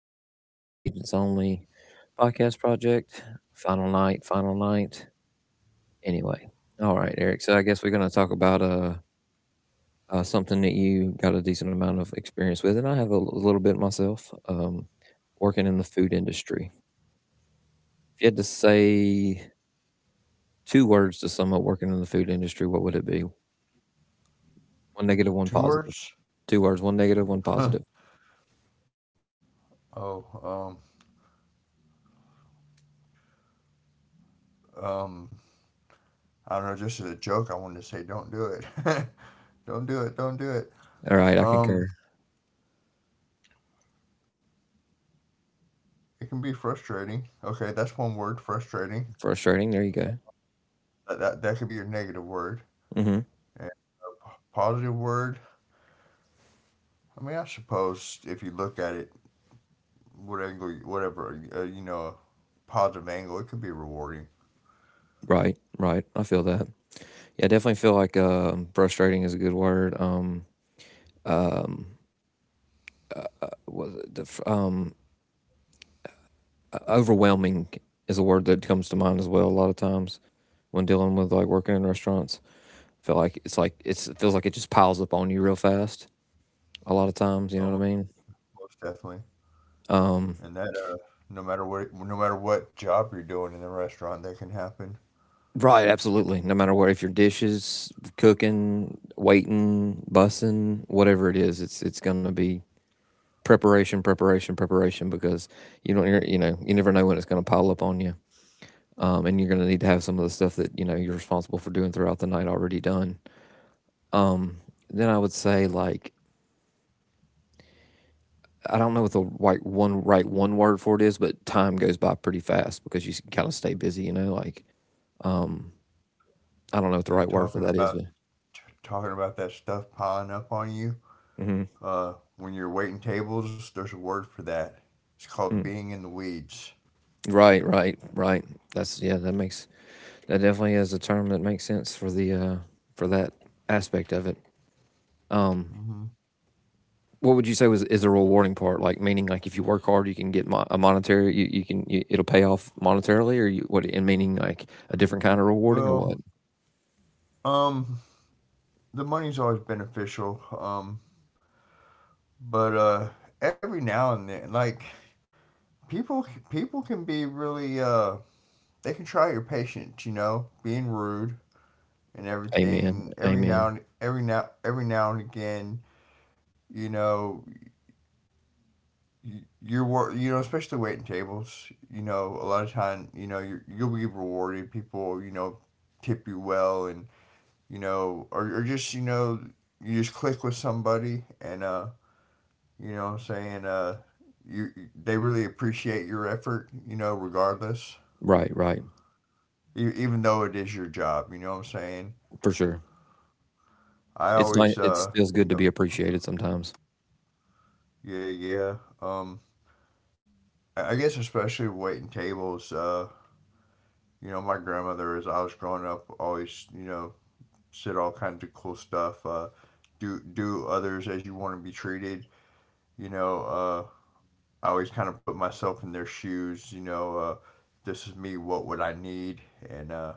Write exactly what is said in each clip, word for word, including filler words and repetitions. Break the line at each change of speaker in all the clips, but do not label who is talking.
again with the Agents Only podcast project. Final night, final night. Anyway, all right, Eric. So I guess we're going to talk about uh, uh something that you got a decent amount of experience with, and I have a, l- little bit myself. Um, working in the food industry. If you had to say two words to sum up working in the food industry, what would it be? One negative, one positive.
Tours?
Two words, one negative, one positive.
oh, um, um, I don't know. Just as a joke, I wanted to say, don't do it. Don't do it. Don't do it.
All right, I concur.
Um, it can be frustrating. Okay, that's one word, frustrating.
Frustrating. There you go.
That, that, that could be your negative word.
hmm
And positive word, I mean, I suppose if you look at it, what angle, you- whatever, uh, you know, positive angle, it could be rewarding.
Right, right. I feel that. Yeah, I definitely feel like um frustrating is a good word. Um, um, uh, uh, was it the, f- um, uh, overwhelming is a word that comes to mind as well. A lot of times when dealing with like working in restaurants, I feel like it's like it's, it feels like it just piles up on you real fast. A lot of times, you know
Um,
what I mean?
Most definitely.
Um,
And that, uh, no matter what, no matter what job you're doing in the restaurant, that can happen.
right, absolutely. No matter what, if you're dishes, cooking, waiting, bussing, whatever it is, it's it's gonna be preparation, preparation, preparation because you don't you're- you know you never know when it's going to pile up on you, um, and you're going to need to have some of the stuff that you know you're responsible for doing throughout the night already done. Um, then I would say like I don't know what the right one right one word for it is, but time goes by pretty fast because you kind of stay busy, you know. Like um, I don't know what the
You're
right word
talking
for that is,
about
but
t- talking about that stuff piling up on you.
hmm
Uh, when you're waiting tables, there's a word for that. It's called being in the weeds.
right, right, right. That's yeah, that makes that definitely is a term that makes sense for the uh, for that aspect of it. Um,
Hmm
what would you say was is the rewarding part? Like meaning like if you work hard, you can get mo- a monetary you, you can you, it'll pay off monetarily, or you what? And meaning like a different kind of rewarding, or
Well,
what?
um, the money's always beneficial. Um, but uh, Every now and then, like people, people can be really uh, they can try your patience. You know, being rude and
Amen,
everything. Every now
amen.
and every now every now and again, you know, you're wor- you know especially waiting tables, you know a lot of time, you know you you'll be rewarded. People, you know tip you well, and you know or, or just, you know you just click with somebody. And uh you know what I'm saying uh you They really appreciate your effort, you know regardless,
Right, right,
e- even though it is your job. You know what I'm saying
for sure.
I
It's nice.
always
It
uh
feels good
you
to be
know
appreciated sometimes.
Yeah, yeah. um i I guess especially waiting tables. Uh you know my grandmother, as I was growing up, always, you know said all kinds of cool stuff. Uh, do do others as you want to be treated. You know, uh, I always kind of put myself in their shoes. You know, uh, this is me. What would I need? And uh,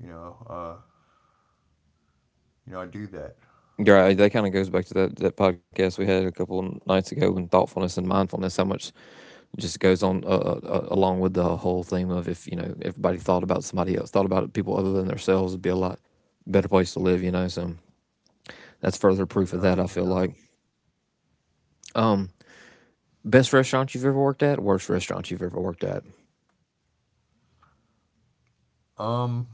you know, uh, you know, I do that.
Yeah, that kind of goes back to that, that podcast we had a couple of nights ago when thoughtfulness and mindfulness, how much just goes on uh, uh, uh, along with the whole theme of if, you know, everybody thought about somebody else, thought about people other than themselves, it'd be a lot better place to live, you know. So that's further
No
proof of that.
doubt,
I
no
feel
doubt.
like um, best restaurant you've ever worked at, worst restaurant you've ever worked at.
Um,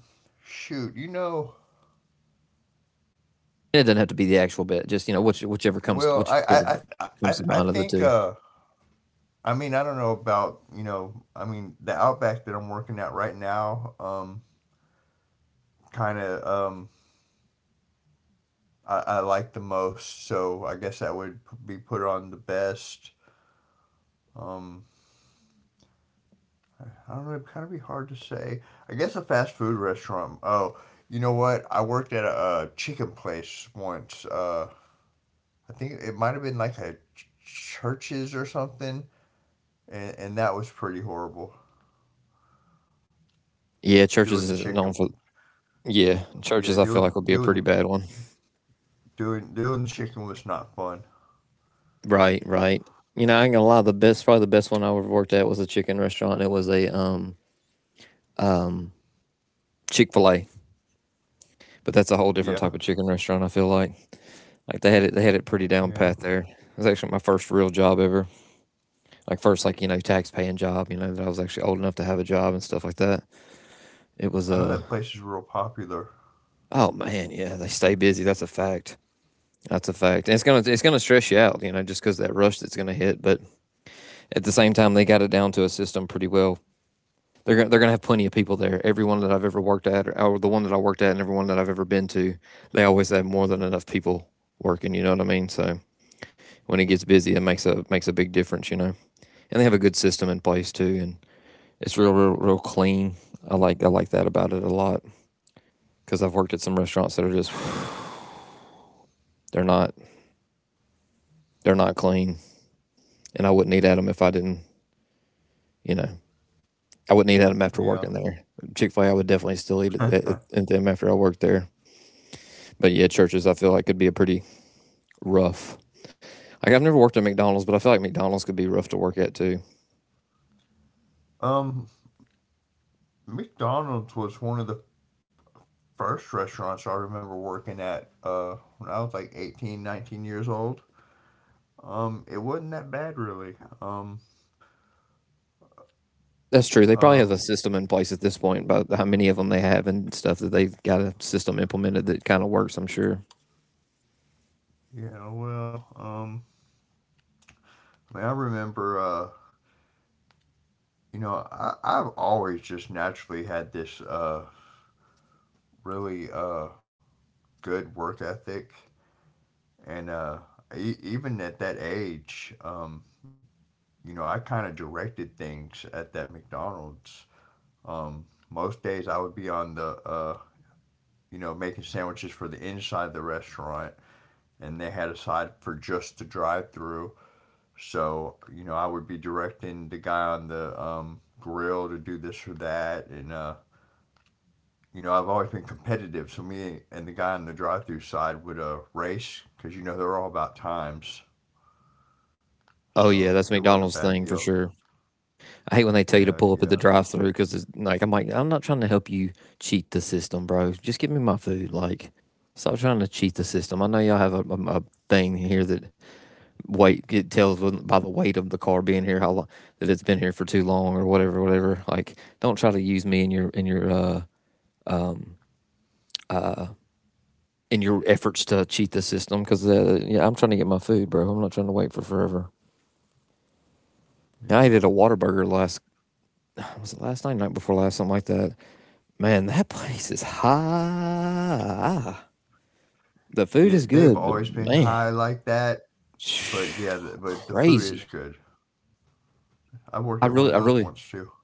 shoot, you know,
And it doesn't have to be the actual bet. Just you know, which, whichever comes,
well, I,
whichever
I,
comes to
I,
mind of
I
the
I
two.
think. Uh, I mean, I don't know. About you know. I mean, the Outback that I'm working at right now, um, kind of, um I, I like the most. So I guess that would be put on the best. Um, I don't know. It'd kind of be hard to say. I guess a fast food restaurant. Oh, you know what? I worked at a uh chicken place once. Uh, I think it might have been like a ch- churches or something, and and that was pretty horrible.
Yeah, churches is
Doing the
known for.
chicken,
Yeah,
yeah,
churches. I feel
doing
like would be a
doing
pretty
the
bad one.
doing doing the chicken was not fun.
Right, right. You know, I ain't gonna lie. The best, probably the best one I ever worked at was a chicken restaurant. It was a um um Chick Fil A, but that's a whole different type
Yeah,
of chicken restaurant. I feel like like they had it they had it pretty down
yeah.
pat there. It was actually my first real job ever. Like first like, you know, tax paying job, you know, that I was actually old enough to have a job and stuff like that. It was
I
a
know
uh,
that place is real popular.
oh man, yeah, they stay busy, that's a fact. That's a fact, and it's gonna, it's gonna stress you out, you know, just because that rush that's gonna hit, but at the same time they got it down to a system pretty well. They're going, they're gonna have plenty of people there. Everyone that I've ever worked at or, or the one that I worked at and everyone that I've ever been to, they always have more than enough people working, you know what I mean. So when it gets busy, it makes a, makes a big difference, you know. And they have a good system in place too, and it's real, real, real clean. I like I like that about it a lot because I've worked at some restaurants that are just they're not, they're not clean, and I wouldn't eat at them if I didn't, you know, I wouldn't eat at them after
Yeah.
working there. Chick Fil A, I would definitely still eat at, at, them after I worked there. But yeah, churches I feel like could be a pretty rough. Like I've never worked at McDonald's, but I feel like McDonald's could be rough to work at too.
Um, McDonald's was one of the first restaurants I remember working at, uh, when I was like eighteen, nineteen years old. Um, it wasn't that bad, really. Um,
That's true. They probably have a
um,
system in place at this point, but how many of them they have and stuff that they've got a system implemented that kind of works. I'm sure.
yeah, well, um, I mean, I remember, uh, you know, I, I've always just naturally had this uh, really uh, good work ethic. And uh, e- Even at that age, um, you know, I kind of directed things at that McDonald's. Um, most days I would be on the uh, you know, making sandwiches for the inside of the restaurant, and they had a side for just the drive through. So, you know, I would be directing the guy on the um, grill to do this or that. And, uh, you know, I've always been competitive. So me and the guy on the drive through side would uh, race because, you know, they were all about times.
Oh
So
yeah, that's
it wasn't a
McDonald's
bad
thing for
deal.
sure. I hate when they tell you to
Yeah,
pull up at
yeah,
the drive-through because it's like I'm like I'm not trying to help you cheat the system, bro. Just give me my food. Like, stop trying to cheat the system. I know y'all have a, a, a thing here that weight it tells by the weight of the car being here how long that it's been here for too long or whatever, whatever. Like, don't try to use me in your in your uh um uh in your efforts to cheat the system because uh, yeah, I'm trying to get my food, bro. I'm not trying to wait for forever. Yeah, I ate
yeah.
at a Waterburger last was it last night, night before last, something like that. Man, that place is high. The food
Yeah,
is
they've
good, but
always been
man,
high like that. But, yeah, the, but the food
crazy.
is good. I
I
worked at one
really, I
of those
really,
once too.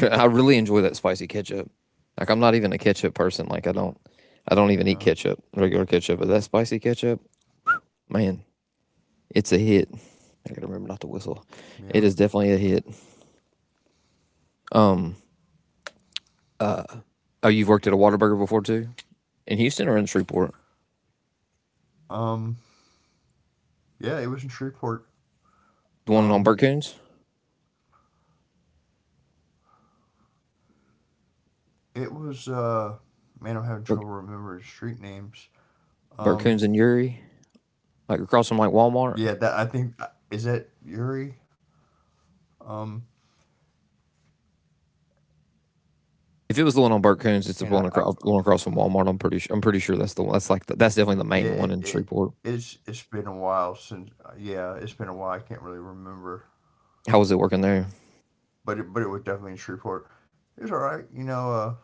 I really enjoy that spicy ketchup. Like I'm not even a ketchup person. Like I don't, I don't even eat
Yeah,
ketchup, regular ketchup. But that spicy ketchup, man, it's a hit. I gotta remember not to
yeah.
whistle. It is definitely a hit. Um, uh, oh, you've worked at a Waterburger before too, in Houston or in Shreveport?
Um, yeah, it was in Shreveport.
The one on
Um,
Burkoons,
it was uh, man, I'm having trouble remembering street names.
Burkoons
Um,
and Uri, like across from like Walmart.
yeah, that I think, uh, is that Uri. Um,
If it was the one on Burt Coons, it's the
man, I,
one
I
across, one across from Walmart. I'm pretty sure. I'm pretty sure that's the one. That's like the, that's definitely the
Yeah,
main one
it,
in
it
Shreveport.
it's it's been a while since, uh, yeah, it's been a while. I can't really remember,
How was it working there?
but it, but it was definitely in Shreveport. It was all right, you know. Uh,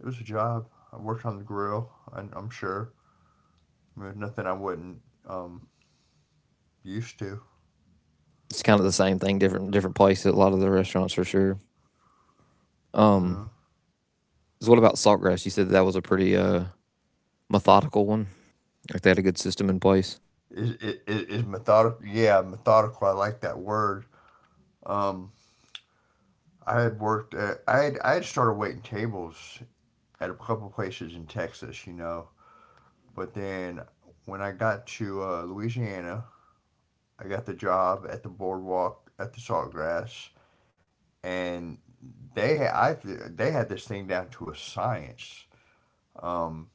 It was a job. I worked on the grill, and I'm sure, I mean, nothing I wasn't um used to. You
It's kind of the same thing, different different place at a lot of the restaurants for sure. Um, so what about Saltgrass? You said that was a pretty uh methodical one. Like they had a good system in place.
is, is, is methodical. Yeah, methodical. I like that word. Um, I had worked. At, I had I had started waiting tables at a couple places in Texas, you know. But then when I got to, uh, Louisiana, I got the job at the boardwalk at the Saltgrass, and they had I they had this thing down to a science. Um,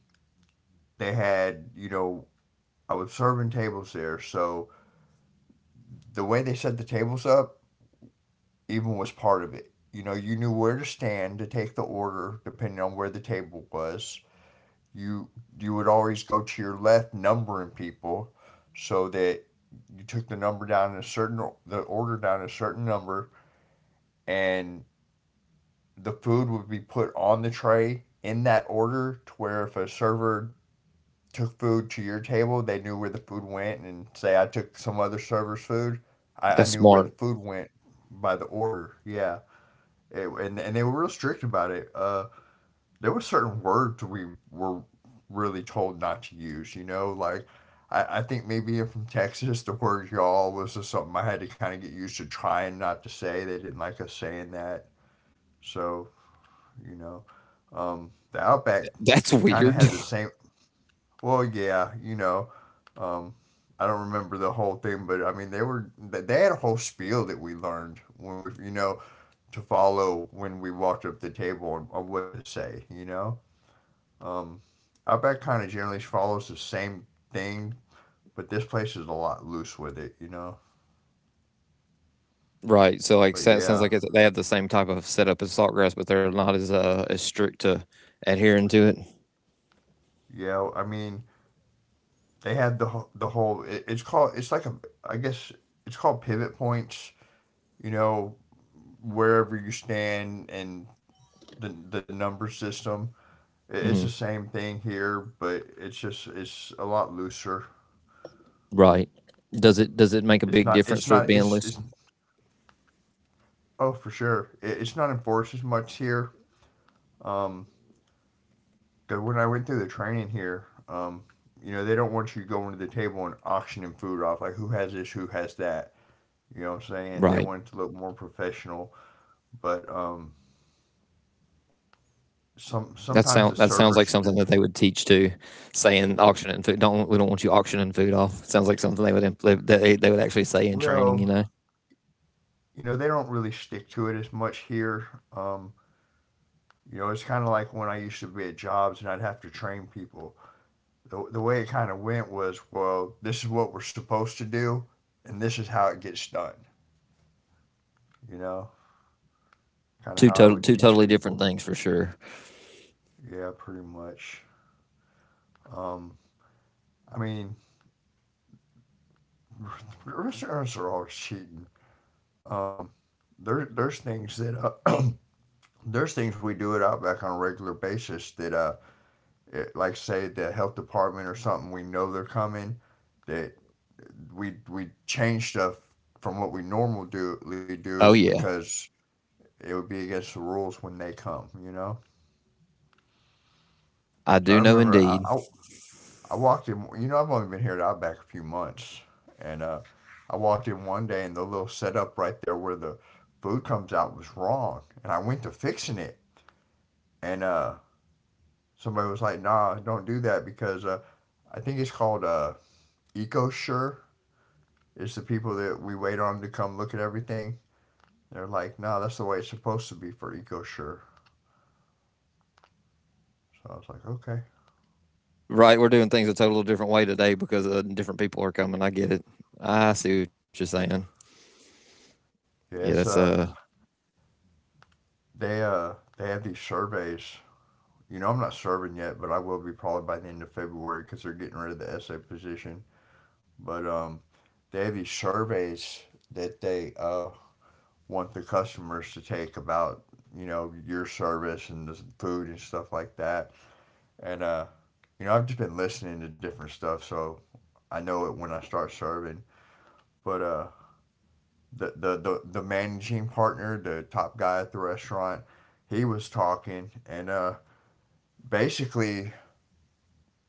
they had, you know, I was serving tables there, so the way they set the tables up, even was part of it. You know, you knew where to stand to take the order depending on where the table was. You you would always go to your left numbering people, so that you took the number down in a certain the order down a certain number, and the food would be put on the tray in that order to where if a server took food to your table, they knew where the food went. And say I took some other server's food, I, I
That's
knew where the
smart.
food went by the order. Yeah. It, and, and they were real strict about it. Uh, there were certain words we were really told not to use, you know, like, I, I think maybe if from Texas, the word y'all was just something I had to kind of get used to trying not to say. They didn't like us saying that. So, you know, um, the Outback
That's
kind of
weird,
has the same, well, yeah, you know, um, I don't remember the whole thing, but I mean, they were, they they had a whole spiel that we learned when we, you know, to follow when we walked up the table and on what to say, you know? Um, Outback kind of generally follows the same thing, but this place is a lot loose with it, you know?
right? So like
But
sounds
yeah,
like it's, they have the same type of setup as Saltgrass, but they're not as uh as strict to adhering to it.
yeah, I mean, they had the wh- the whole, it, it's called, it's like a, I guess it's called pivot points, you know, wherever you stand, and the, the number system. It, it's the
hmm
same thing here, but it's just, it's a lot looser.
Right. Does it does it make a big
It's not,
difference for
it's
it being
not,
loose?
it's, it's Oh, for sure. It, it's not enforced as much here. Um, 'Cause when I went through the training here, um, you know, they don't want you going to the table and auctioning food off, like who has this, who has that. You know what I'm saying?
Right.
They want it to look more professional, but um, some
That
sometimes
sound
the
that sounds like
servers, d-
something that they would teach to say in auctioning food. Don't, we don't want you auctioning food off. Sounds like something they would imp- they they, would actually say in training. You
well,
know,
you know, they don't really stick to it as much here. Um, you know, it's kind of like when I used to be at jobs and I'd have to train people. The, the way it kind of went was, well, this is what we're supposed to do, and this is how it gets done. You know, kind of
two
how I
total
would
two
teach
totally different
people.
things for sure.
Yeah, pretty much. Um, I mean, restaurants are always cheating. Um, there, there's things that uh, there's things we do at Outback on a regular basis that, uh, it, like say the health department or something we know they're coming, that we we change stuff from what we normally do we do
Oh yeah,
because it would be against the rules when they come. You know.
I
So I
do know
remember, I,
indeed.
I I walked in. You know, I've only been here at Outback a few months, and uh, I walked in one day, and the little setup right there where the food comes out was wrong, and I went to fixing it, and uh, somebody was like, "Nah, don't do that because, uh, I think it's called uh, EcoSure. It's the people that we wait on to come look at everything." They're like, "No, nah, that's the way it's supposed to be for EcoSure." So I was like, "Okay,
Right, we're doing things a total different way today because uh, different people are coming. I get it. I see what you're saying. Yeah, that's
yeah, it's
uh.
uh, they, uh, they have these surveys. You know, I'm not serving yet, but I will be probably by the end of February because they're getting rid of the S A position. But um, they have these surveys that they, uh, want the customers to take about, you know, your service and the food and stuff like that. And uh, you know, I've just been listening to different stuff, so I know it when I start serving. But uh, the, the the the managing partner, the top guy at the restaurant, he was talking, and uh, basically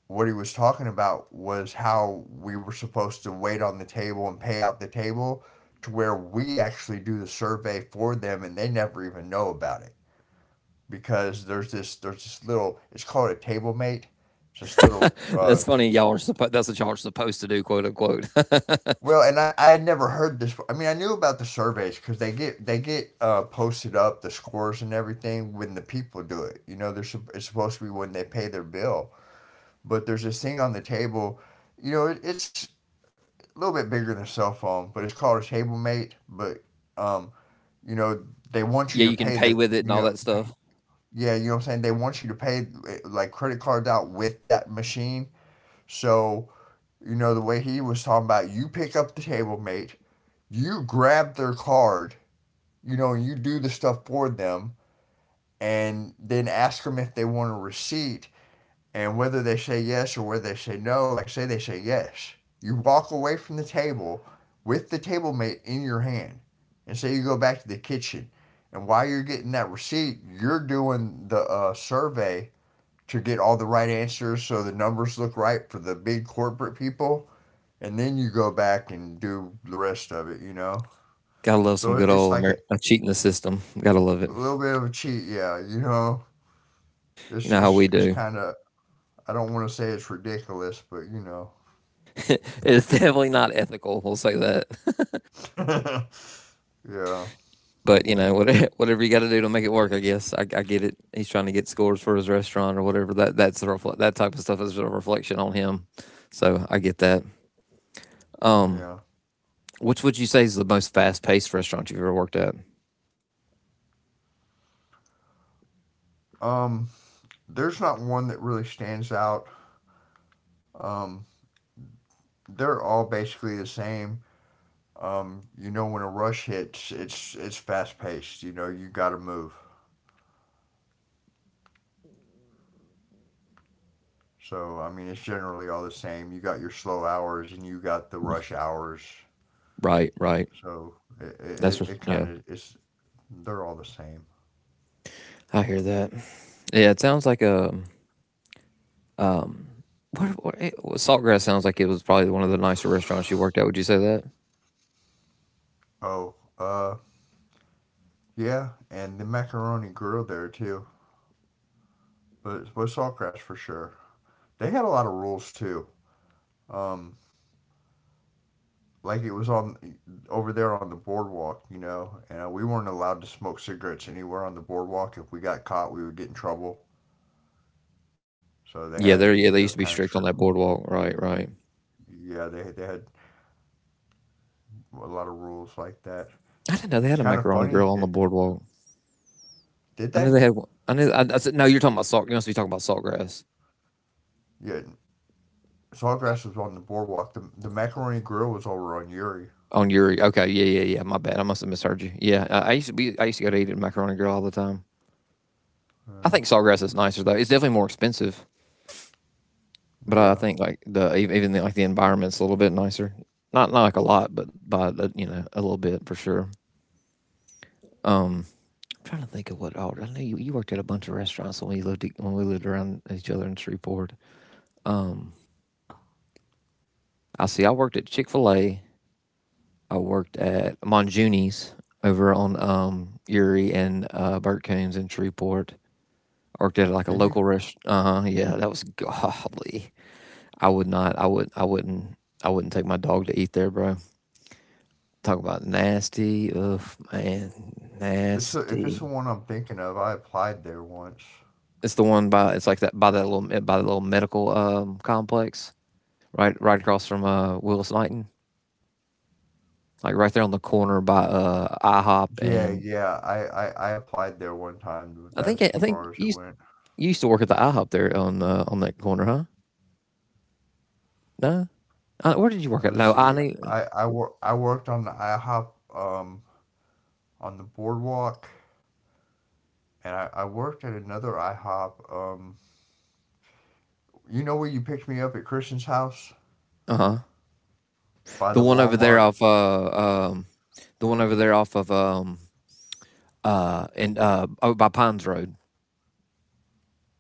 what he was talking about was how we were supposed to wait on the table and pay out the table to where we actually do the survey for them and they never even know about it because there's this there's this little it's called a table mate just little uh,
that's funny. Y'all are supposed. That's what y'all are supposed to do, quote unquote.
well. And I, I had never heard this. I mean, I knew about the surveys because they get they get uh, posted up the scores and everything when the people do it, you know. There's it's supposed to be when they pay their bill, but there's this thing on the table, you know. It, it's a little bit bigger than a cell phone, but it's called a TableMate. But um, you know, they want
yeah,
you to
you can
pay
pay
the
with it and
you
all
know,
that stuff.
yeah, you know what I'm saying. They want you to pay eh, like credit cards out with that machine. So you know the way he was talking about, you pick up the TableMate, you grab their card, you know, and you do the stuff for them, and then ask them if they want a receipt. And whether they say yes or whether they say no, like say they say yes, you walk away from the table with the table mate in your hand. And say you go back to the kitchen. And while you're getting that receipt, you're doing the uh, survey to get all the right answers so the numbers look right for the big corporate people. And then you go back and do the rest of it, you know?
Gotta love some
So
good
it's
old
like a,
Amer- uh, cheating the system. Gotta love
a
it.
little bit of a cheat, yeah, you know?
You
It's,
know how we
it's, it's
do.
kind of, I don't want to say it's ridiculous, but you
it's definitely not ethical. We'll say that.
know. Yeah,
but you know, whatever, whatever you got to do to make it work, I guess I, I get it. He's trying to get scores for his restaurant or whatever. That that's the refle- that type of stuff is a reflection on him. So I get that. Um,
yeah.
which would you say is the most fast paced restaurant you've ever worked at?
Um, there's not one that really stands out. Um, they're all basically the same. Um, you know, when a rush hits, it's it's fast paced. You know, you got to move. So I mean, it's generally all the same. You got your slow hours and you got the rush hours.
Right, right.
So it
That's
it,
re-
it
yeah.
kind of is. They're all the same.
I hear that. Yeah, it sounds like a um. What, what, it, Saltgrass sounds like it was probably one of the nicer restaurants you worked at. Would you say that?
Oh, uh, yeah, and the macaroni grill there too. But but Saltgrass for sure. They had a lot of rules too. Um, like it was on over there on the boardwalk, you know, and uh, we weren't allowed to smoke cigarettes anywhere on the boardwalk. If we got caught, we would get in trouble. So they
Yeah,
had,
there.
you
Yeah,
know,
they used to
kind
be
of
strict
strict.
on that boardwalk. Right, right.
Yeah, they they had a lot of rules like that.
I didn't know they had
It's
a
kind of
macaroni
funny.
grill on the
It,
boardwalk.
did
I knew
they?
they had. I knew. I, I said no. You're talking about salt. You must be talking about saltgrass
Yeah, Sawgrass was on the boardwalk. The the macaroni grill was over on Uri.
on your. E-" Okay. Yeah. Yeah. Yeah. My bad. I must have misheard you. Yeah. I, I used to be. I used to go to eat at Macaroni Grill all the time. I
Uh,
think saltgrass is nicer though. It's definitely more expensive, but I
yeah.
think like the e, even the, like the environment's a little bit nicer. Not not like a lot, but by the, you know a little bit for sure. Um, I'm trying to think of what. Oh, I know you, you worked at a bunch of restaurants when we lived e, when we lived around each other in Shreveport. Um, I see. I worked at Chick Fil A. I worked at Monjuni's over on um, Erie and uh, Burt Coons in Shreveport. I worked at like a
Did
local
you?
rest. Uh huh. Yeah, that was godly. I would not. I would. I wouldn't. I wouldn't take my dog to eat there, bro. Talk about nasty. Ugh, man,
If it's, the, if it's the
nasty.
one I'm thinking of, I applied there once.
It's the one by. It's like that by that little by the little medical um complex right right across from uh Willis Knighton, like right there on the corner by uh I hop
Yeah,
and
yeah. I, I, I applied there one time. But
I think I
that's as
think
far as it
you
went.
you used to work at the I hop there on uh, on that corner, huh? No, uh, where did you work
Uh,
at?
Let's
No, I
see.
knew.
I I, wor- I worked on the I HOP um on the boardwalk, and I, I worked at another I HOP. Um, you know where you picked me up at Christian's house
Uh huh.
by
The
the
one over there
Walmart?
off uh um, the one over there off of um uh and uh oh, by Pines Road.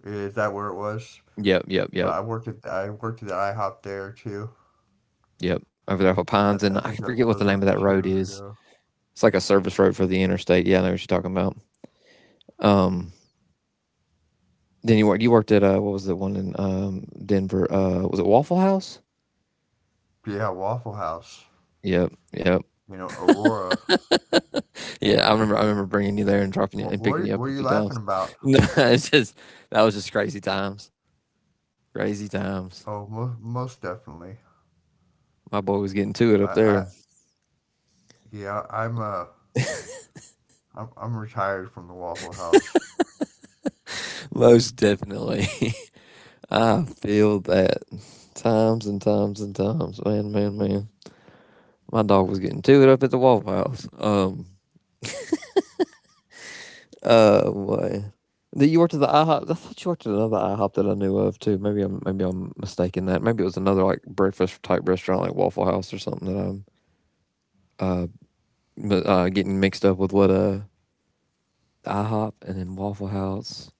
Is that where it was?
Yep, yep,
But
yep,
I worked at I worked at the IHOP there too.
yep. Over there off of
I,
Pines,
I
and I
think
forget
that
what the
those
name
were
of
the
that road
two.
is.
Yeah.
It's like a service road for the interstate. Yeah, I know what you're talking about. Um, then you worked. You worked at uh, what was the one in um Denver? Uh, was it Waffle House?
Yeah, Waffle House.
Yep, yep.
You know, Aurora.
Yeah, I remember I remember bringing you there and dropping you
What
and
what are,
picking
you-
you
what
up
are
a
you
few times.
laughing about?
No, it's just that was just crazy times. Crazy times.
Oh, most, most definitely.
My boy was getting to it up
I,
there.
I yeah, I'm uh I'm I'm retired from the Waffle House.
Most definitely. I feel that times and times and times. Man, man, man. My dog was getting to it up at the Waffle House. Um, uh, boy. Did you worked at the I hop? I thought you worked at another I hop that I knew of too. Maybe I'm maybe I'm mistaken that. Maybe it was another like breakfast type restaurant like Waffle House or something that I'm uh but, uh, getting mixed up with what uh I hop and then Waffle House.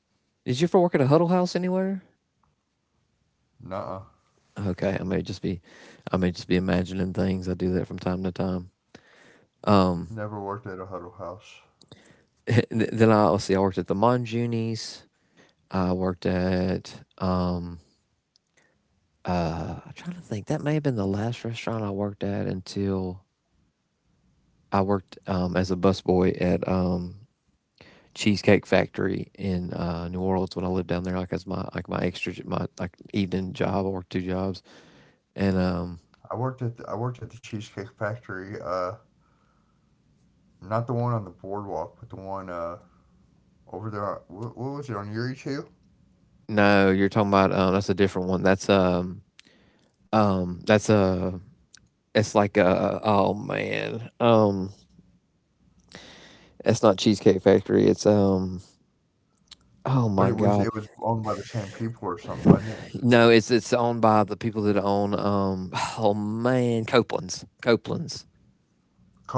Did you ever work at a Huddle House anywhere?
Nuh-uh.
Okay, I may just be, I may just be imagining things. I do that from time to time. Um,
Never worked at a Huddle House.
then I let's see. I worked at the Monjunis. I worked at um. Uh, I'm trying to think. That may have been the last restaurant I worked at until I worked um as a busboy at um Cheesecake Factory in uh, New Orleans when I lived down there, like as my like my extra my like evening job. I worked two jobs, and um,
I worked at the, I worked at the Cheesecake Factory. Uh, not the one on the boardwalk, but the one uh over there. What, what was it on Erie too?
no, you're talking about um, that's a different one. That's um, um, that's a it's like a oh man, um, it's not Cheesecake Factory. It's um, oh
But
my
it was
god,
it was owned by the same people or something, wasn't it?
no, it's it's owned by the people that own um, oh man, Copeland's, Copeland's.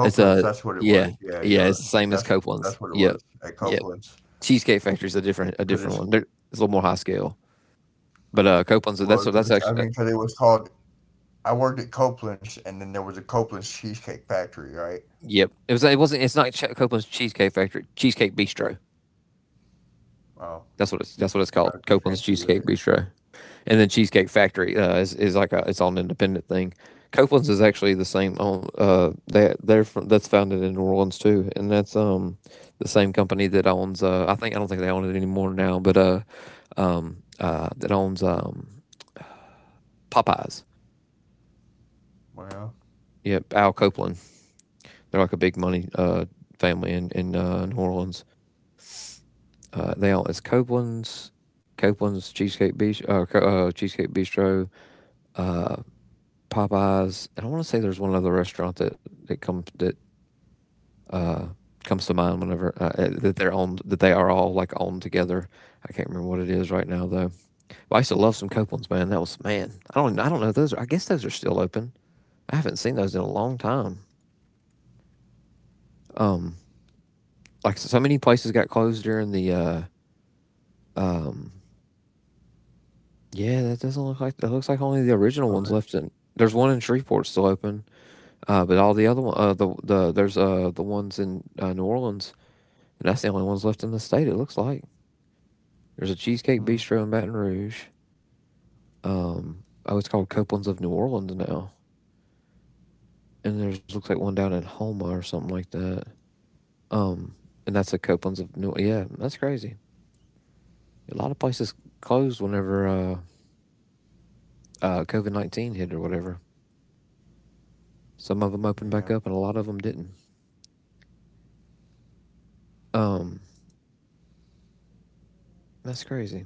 It's a
That's what it was.
yeah,
Yeah,
yeah,
you're right.
it's the same as
That's
Copeland's.
that's what it
Yep,
was at
yep.
Copeland's.
Cheesecake Factory is a different a
Cause
different
it's
one. They're, it's a little more high scale. But uh, Copeland's, that's
Well,
that's
cause I
actually uh,
mean, cause it was called. I worked at Copeland's, and then there was a Copeland's Cheesecake Factory, right?
yep. It was it wasn't it's not Ch- Copeland's Cheesecake Factory. Cheesecake Bistro.
Oh,
That's what it's that's what it's called.
gotta be
Copeland's
fancy with
Cheesecake
it.
Bistro. And then Cheesecake Factory uh, is is like a it's all an independent thing. Copeland's is actually the same. On uh, they they're from, that's founded in New Orleans too, and that's um the same company that owns uh I think I don't think they own it anymore now, but uh um uh that owns um Popeyes.
Well,
Yep, Al Copeland. They're like a big money uh, family in in uh, New Orleans. Uh, they all it's Copeland's, Copeland's Cheesecake Bistro, uh, uh, Cheesecake Bistro, uh, Popeyes, and I want to say there's one other restaurant that that comes that uh, comes to mind whenever uh, uh, that they're owned, that they are all like owned together. I can't remember what it is right now though. But I used to love some Copeland's, man. That was man. I don't I don't know those. Are, I guess those are still open. I haven't seen those in a long time. Um, like so many places got closed during the uh, um, yeah, that doesn't look like, that looks like only the original
COVID.
one's left in. There's one in Shreveport still open, uh, but all the other one, uh, the the there's uh the ones in uh, New Orleans, and that's the only ones left in the state. It looks like there's a Cheesecake
Hmm.
Bistro in Baton Rouge. Um, oh, it's called Copeland's of New Orleans now, and there's looks like one down in Houma or something like that. Um, and that's a Copeland's of New. Yeah, that's crazy. A lot of places closed whenever uh, uh, COVID nineteen hit or whatever. Some of them opened
Yeah.
back up, and a lot of them didn't. Um. That's crazy.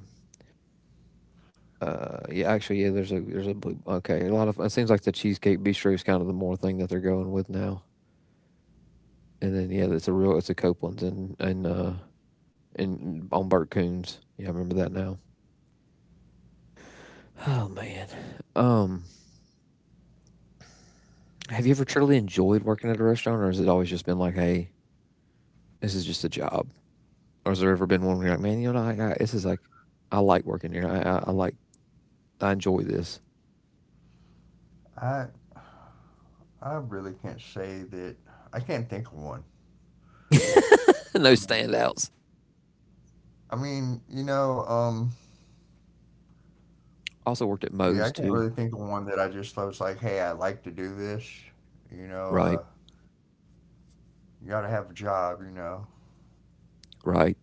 Uh, yeah, actually, yeah. There's a there's a blue, okay. A lot of it seems like the Cheesecake Bistro is kind of the more thing that they're going with now. And then yeah, it's a real it's a Copeland's, and and uh and on Burt Coons. Yeah, I remember that now. Oh man. Um, have you ever truly enjoyed working at a restaurant, or has it always just been like, hey, this is just a job? Or has there ever been one where you're like, man, you know, I, I this is like, I like working here. I I, I like I enjoy this.
I I really can't say that. I can't think of one.
No
I mean,
standouts.
I mean, you know, um,
Also worked at
yeah, I
Moe's
can't
too.
really think of one that I just was like, hey, I like to do this. You know,
Right.
uh, you gotta have a job. You know,
Right.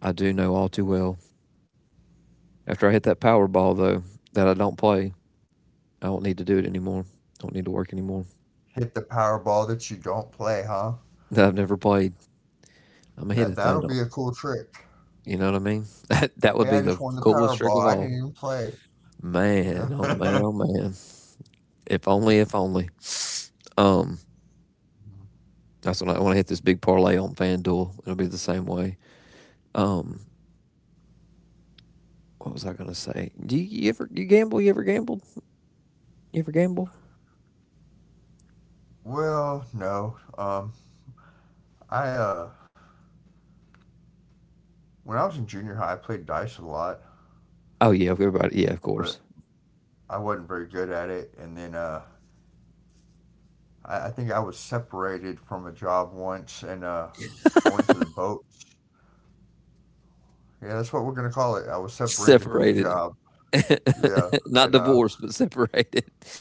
I do know all too well. After I hit that Powerball, though, that I don't play, I don't need to do it anymore. I don't need to work anymore.
hit the Powerball that you don't play, huh?
That I've never played. I'm a hit
That
at that.
that'll
Don't,
be a cool trick.
you know what I mean? That that would
Hey,
be
I
the
just won the
coolest trick of
Powerball. I
all.
didn't even play.
Man, oh man,
Yeah.
oh man. If only, if only. Um, that's when I want to hit this big parlay on FanDuel. It'll be the same way. Um, what was I gonna say? Do you, you ever you gamble? You ever gambled? You ever gamble?
Well, no. Um, I uh, when I was in junior high, I played dice a lot,
Oh yeah, everybody. Yeah, of
but
course.
I wasn't very good at it. And then uh, I, I think I was separated from a job once, and uh, I went to the boats. Yeah, that's what we're gonna call it. I was separated from the
Separated.
job. Yeah,
Not
and uh,
divorced, but separated.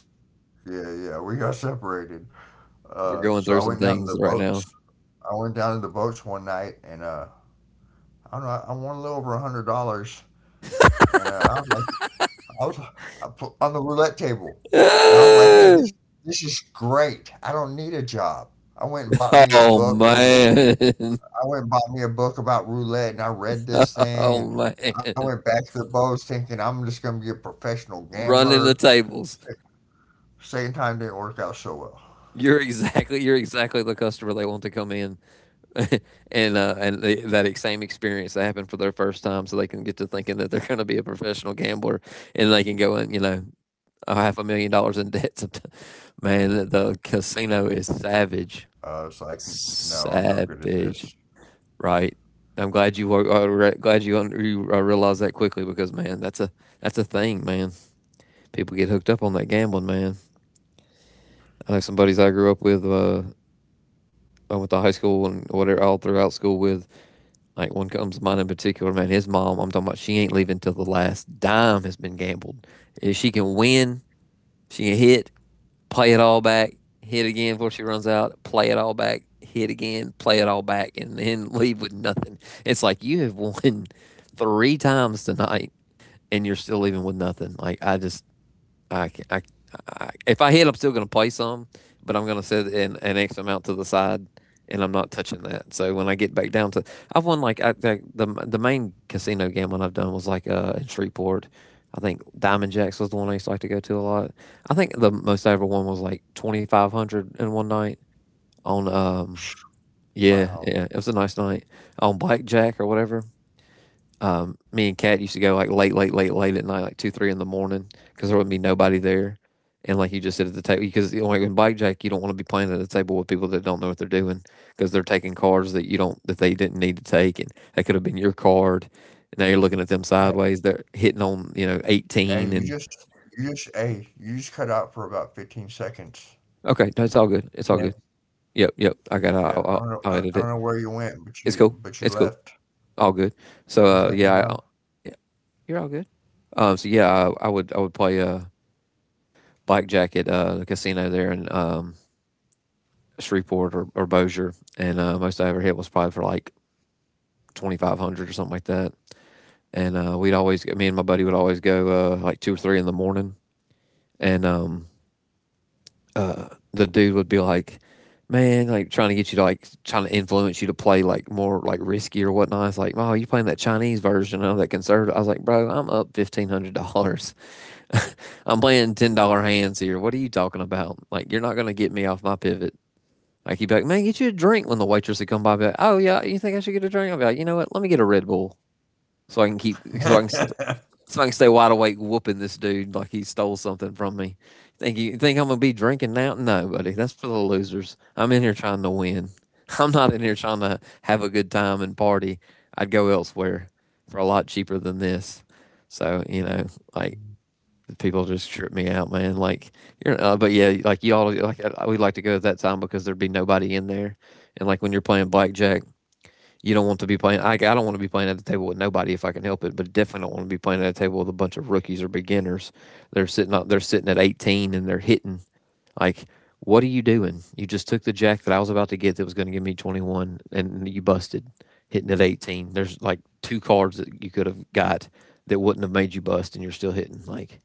yeah, yeah, we got separated.
We're
Uh,
going
so
through
I
some
went down to
things
the
right now.
boats. I went down to the boats one night, and uh, I don't know. I, I won a little over a hundred dollars, and uh, I was like, I was I put- on the roulette table, and I was like, hey, this this is great. I don't need a job. I went and bought me a
oh
book from the
man.
I went and bought me a book about roulette, and I read this thing,
Oh
and
man.
I went back to the Bose thinking I'm just gonna be a professional gambler.
Running the tables.
Se- Second time didn't work out so well.
You're exactly you're exactly the customer they want to come in, and uh, and they, that same experience that happened for their first time so they can get to thinking that they're going to be a professional gambler and they can go in, you know,
Yeah,
a
I didn't
half a
stick
million
with
dollars
it
in
though.
debt sometime. Man, the
You know, after that
casino is
second time,
savage.
uh, I was like, "N- no, I'm no good at
Savage.
this.
Right? I'm glad you were, uh, re- glad you, un- you uh, realized that quickly because man, that's a that's a thing, man. People get hooked up on that gambling, man. I know some buddies I grew up with, uh, I went to high school and whatever, all throughout school with. Like one comes to mind in particular, man. His mom, I'm talking about, she ain't leaving till the last dime has been gambled. If she can win, she can hit, play it all back, hit again before she runs out, play it all back, hit again, play it all back, and then leave with nothing. It's like you have won three times tonight and you're still leaving with nothing. Like I just I, I, I, if I hit, I'm still gonna play some, but I'm gonna set an, an X amount to the side, and I'm not touching that. So when I get back down to, I've won like I, the the the main casino gambling I've done was like uh in Shreveport. I think Diamond Jacks was the one I used to like to go to a lot. I think the most I ever won was like twenty five hundred in one night on um yeah
Wow.
yeah it was a nice night on blackjack or whatever. um, me and Kat used to go like late, late, late, late at night, like two, three in the morning, because there wouldn't be nobody there, and like you just sit at the table because you like in blackjack, you don't want to be playing at a table with people that don't know what they're doing because
Yeah,
they're taking cards that you don't, that they didn't need to take, and that could have been your card. And now you're looking at them
Matt.
sideways. They're hitting on you know eighteen,
Hey, you
and
just, you just, hey, you just cut out for about fifteen seconds.
okay, no, it's all good. It's all
Ten.
good. Yep, yep. I got.
Yeah,
I'll,
I don't
I'll,
know,
I'll
I,
edit
I don't
it.
know where you went, but
It's
you,
cool.
but you
It's cool.
left.
All good. So uh,
Just letting you
yeah, I,
know.
yeah, you're all good. Um, so yeah, I, I would I would play uh blackjack at uh, the casino there in um, Shreveport or, or Bossier, and uh, most I ever hit was probably for like twenty five hundred or something like that. And uh, we'd always, me and my buddy would always go uh, like two or three in the morning, and um, uh, the dude would be like, "Man, like trying to get you to like trying to influence you to play like more like risky or whatnot." It's like, "Oh, you playing that Chinese version of that conservative?" I was like, "Bro, I'm up fifteen hundred dollars. I'm playing ten dollar hands here. What are you talking about? Like, you're not gonna get me off my pivot." I keep like, "Man, get you a drink." When the waitress would come by, I'd be like, "Oh yeah, you think I should get a drink?" I'd be like, "You know what? Let me get a Red Bull so I can keep so I can st- so I can stay wide awake whooping this dude like he stole something from me." Think you think I'm gonna be drinking now? No, buddy, that's for the losers. I'm in here trying to win. I'm not in here trying to have a good time and party. I'd go elsewhere for a lot cheaper than this. So you know, like people just trip me out, man. Like you're, uh, but yeah, like y'all, like I- we like to go at that time because there'd be nobody in there, and like when you're playing blackjack, you don't want to be playing. I, I don't want to be playing at the table with nobody if I can help it, but definitely don't want to be playing at a table with a bunch of rookies or beginners. They're sitting, out- they're sitting at eighteen and they're hitting. Like, what are you doing? You just took the jack that I was about to get that was going to give me twenty-one, and you busted hitting at eighteen. There's like two cards that you could have got that wouldn't have made you bust, and you're still hitting. Like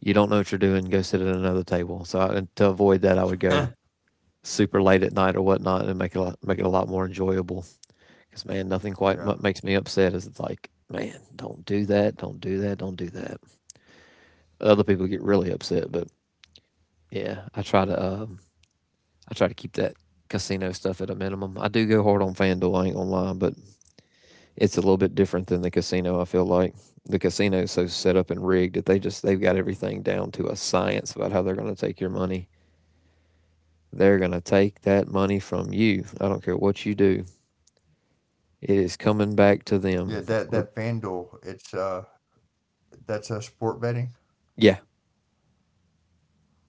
you don't know what you're doing, go sit at another table. So I, to avoid that, I would go super late at night or whatnot and make it a lot, make it a lot more enjoyable. Because man, nothing quite mu-
yeah.
makes me upset as it's like, man, don't do that, don't do that, don't do that. Other people get really upset, but yeah, I try to um, I try to keep that casino stuff at a minimum. I do go hard on FanDuel, I ain't gonna lie, but it's a little bit different than the
What
casino. I
is
feel
that? The
like
sports
the
betting
casino
app?
is so set up and rigged that they just they've got everything down to a science about how they're going to take your money. They're going to take that money from you. I don't care what you do.
Yeah, that
It
that
is coming
FanDuel.
back to
It's uh,
them.
that's a sport betting.
Yeah.
You hear me? Okay.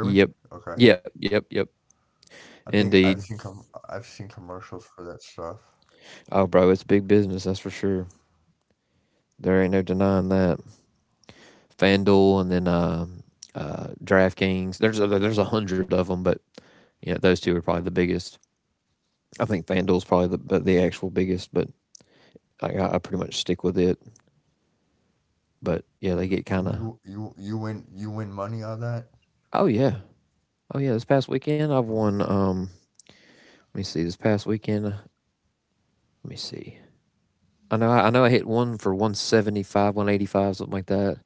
Yep. Yep.
I
Yep. Yep.
think I've seen com I've seen
Indeed.
commercials for that stuff.
Oh, bro, it's big business. That's for sure. There ain't no denying that. FanDuel and then uh, uh, DraftKings. There's a, there's a hundred of them, but you know those two are probably the biggest. I think FanDuel's probably the the actual biggest, but I, I pretty much stick with it. But yeah, they get kind
And
of.
you you you win you win money on that?
Oh yeah. Oh yeah. This past weekend, I've
Um,
won. Um, let me see. This past weekend, let me see. I know I, I know I hit one for one seventy-five, one eighty-five, something like that.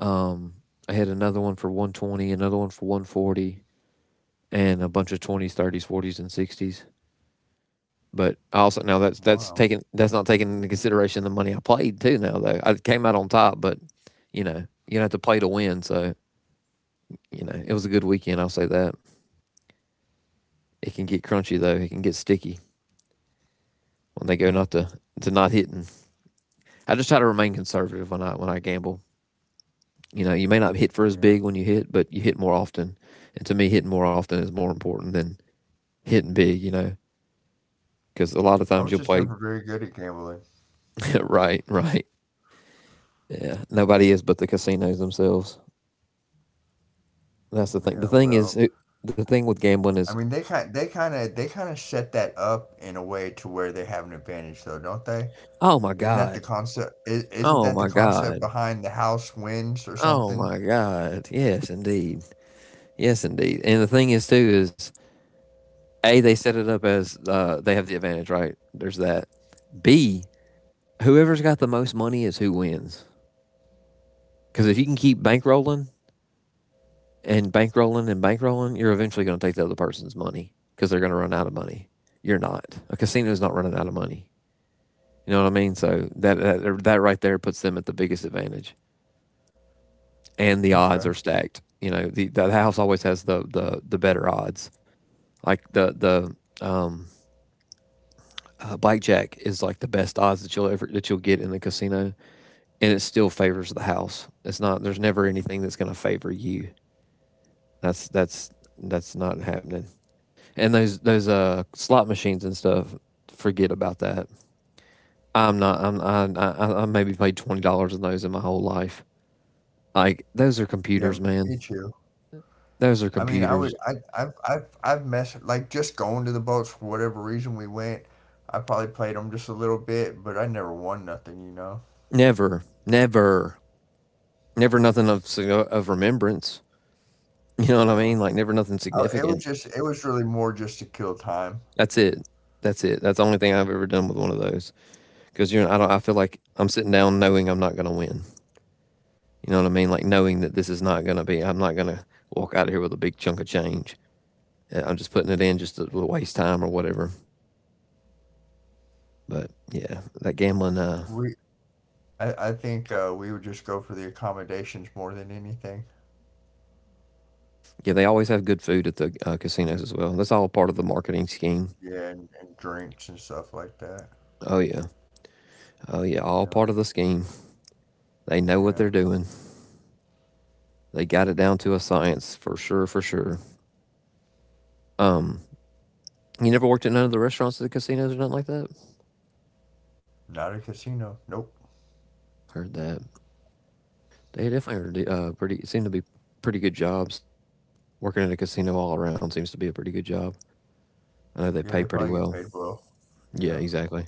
Um, I hit another one for one twenty, another one for one forty, and a bunch of twenties, thirties, forties, and sixties. But I also now that's
wow.
that's taking that's not taking into consideration the money I played too. Now though I came out on top, but you know you don't have to play to win, so you know it was a good weekend. I'll say that it can get crunchy though. It can get sticky when they
Hmm.
go not to to not hitting. I just try to remain conservative when I when I gamble. You know, you may not hit for as
Yeah.
big when you hit, but you hit more often. And to me, hitting more often is more important than hitting big, you know, because a lot of
I
times
was
you'll
just
play
never very good at gambling.
right, right. Yeah. Nobody is but the casinos themselves. That's the thing.
Yeah.
The thing
Well,
is, it- the thing with gambling
I
is,
mean, they kind they kind of they kind of set that up in a way to where they have an advantage, though, don't they?
oh my
Isn't that the
God.
concept? i- Isn't
Oh
that the
my
concept
God.
behind the house wins or
Oh
something?
my God. Yes, indeed. Yes, indeed. And the thing is, too, is A, they set it up as uh, they have the advantage, right? There's that. B, whoever's got the most money is who wins. Because if you can keep bankrolling and bankrolling and bankrolling, you're eventually going to take the other person's money because they're going to run out of money. You're not. A casino is not running out of money. You know what I mean? So that that, that right there puts them at the biggest advantage, and the odds
Okay.
are stacked. You know, the, the house always has the, the, the better odds. Like the the um, uh, blackjack is like the best odds that you'll ever that you'll get in the casino, and it still favors the house. It's not. There's never anything that's going to favor you. That's that's that's not happening. And those those uh slot machines and stuff. Forget about that. I'm not. I'm. I. I, I maybe paid twenty dollars on those in my whole life. Like those are
Yeah,
computers, man.
me too.
Those are
I mean, I would,
computers.
I, I've, I've, I've messed like just going to the boats for whatever reason we went. I probably played them just a little bit, but I never won nothing, you know.
Never, never, never nothing of sig- of remembrance. You know
You
what I
know,
mean? Like never nothing
I, it was
significant.
just, it was really more just to kill time.
That's it. That's it. That's the only thing I've ever done with one of those. Because you know, I don't. I feel like I'm sitting down knowing I'm not going to win. You know what I mean? Like knowing that this is not going to be. I'm not going to walk out of here with a big chunk of change. uh, I'm just putting it in just to
Yeah.
waste time or whatever. But yeah, that gambling. Uh,
We, I, I think uh, we would just go for the accommodations more than anything.
yeah, they always have good food at the uh, casinos as well. That's all part of the marketing scheme.
Yeah, and, and drinks and stuff like that.
Oh yeah, oh yeah,
You
all
know,
part of the scheme. They know what
yeah.
they're doing. They got it down to a science for sure, for sure. Um, you never worked at none of the restaurants at the casinos or nothing like that.
Not a casino. Nope.
Heard that they definitely are uh, pretty. Seem to be pretty good jobs. Working at a casino all around seems to be a pretty good job. I know they
Yeah,
pay
they
pretty
probably get
well.
paid well.
Yeah,
Yeah,
exactly.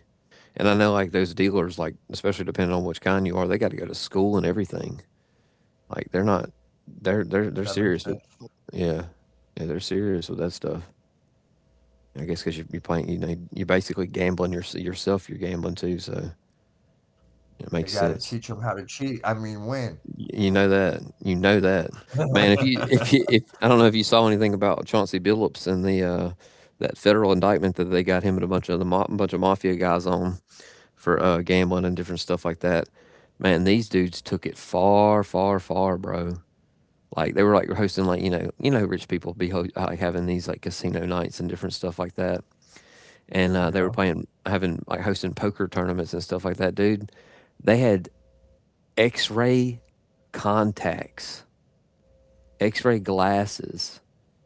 And I know like those dealers, like especially depending on which kind you are, they got to go to school and everything. Like they're not, they're they're they're
that makes
serious with
sense.
yeah, yeah they're serious with that stuff. I guess because you, you're playing, you know, you're basically gambling your, yourself. You're gambling too, so it
They
makes
got to
sense.
teach them how to cheat. I mean, win.
You know that, you know that, man. If you if you if I don't know if you saw anything about Chauncey Billups and the uh, that federal indictment that they got him and a bunch of the mo- bunch of mafia guys on for uh, gambling and different stuff like that. Man, these dudes took it far, far, far, bro. Like they were like hosting like you know you know rich people be ho- like having these like casino nights and different stuff like that, and uh, they
Yeah.
were playing having like hosting poker tournaments and stuff like that, dude. They had X-ray contacts, X-ray glasses,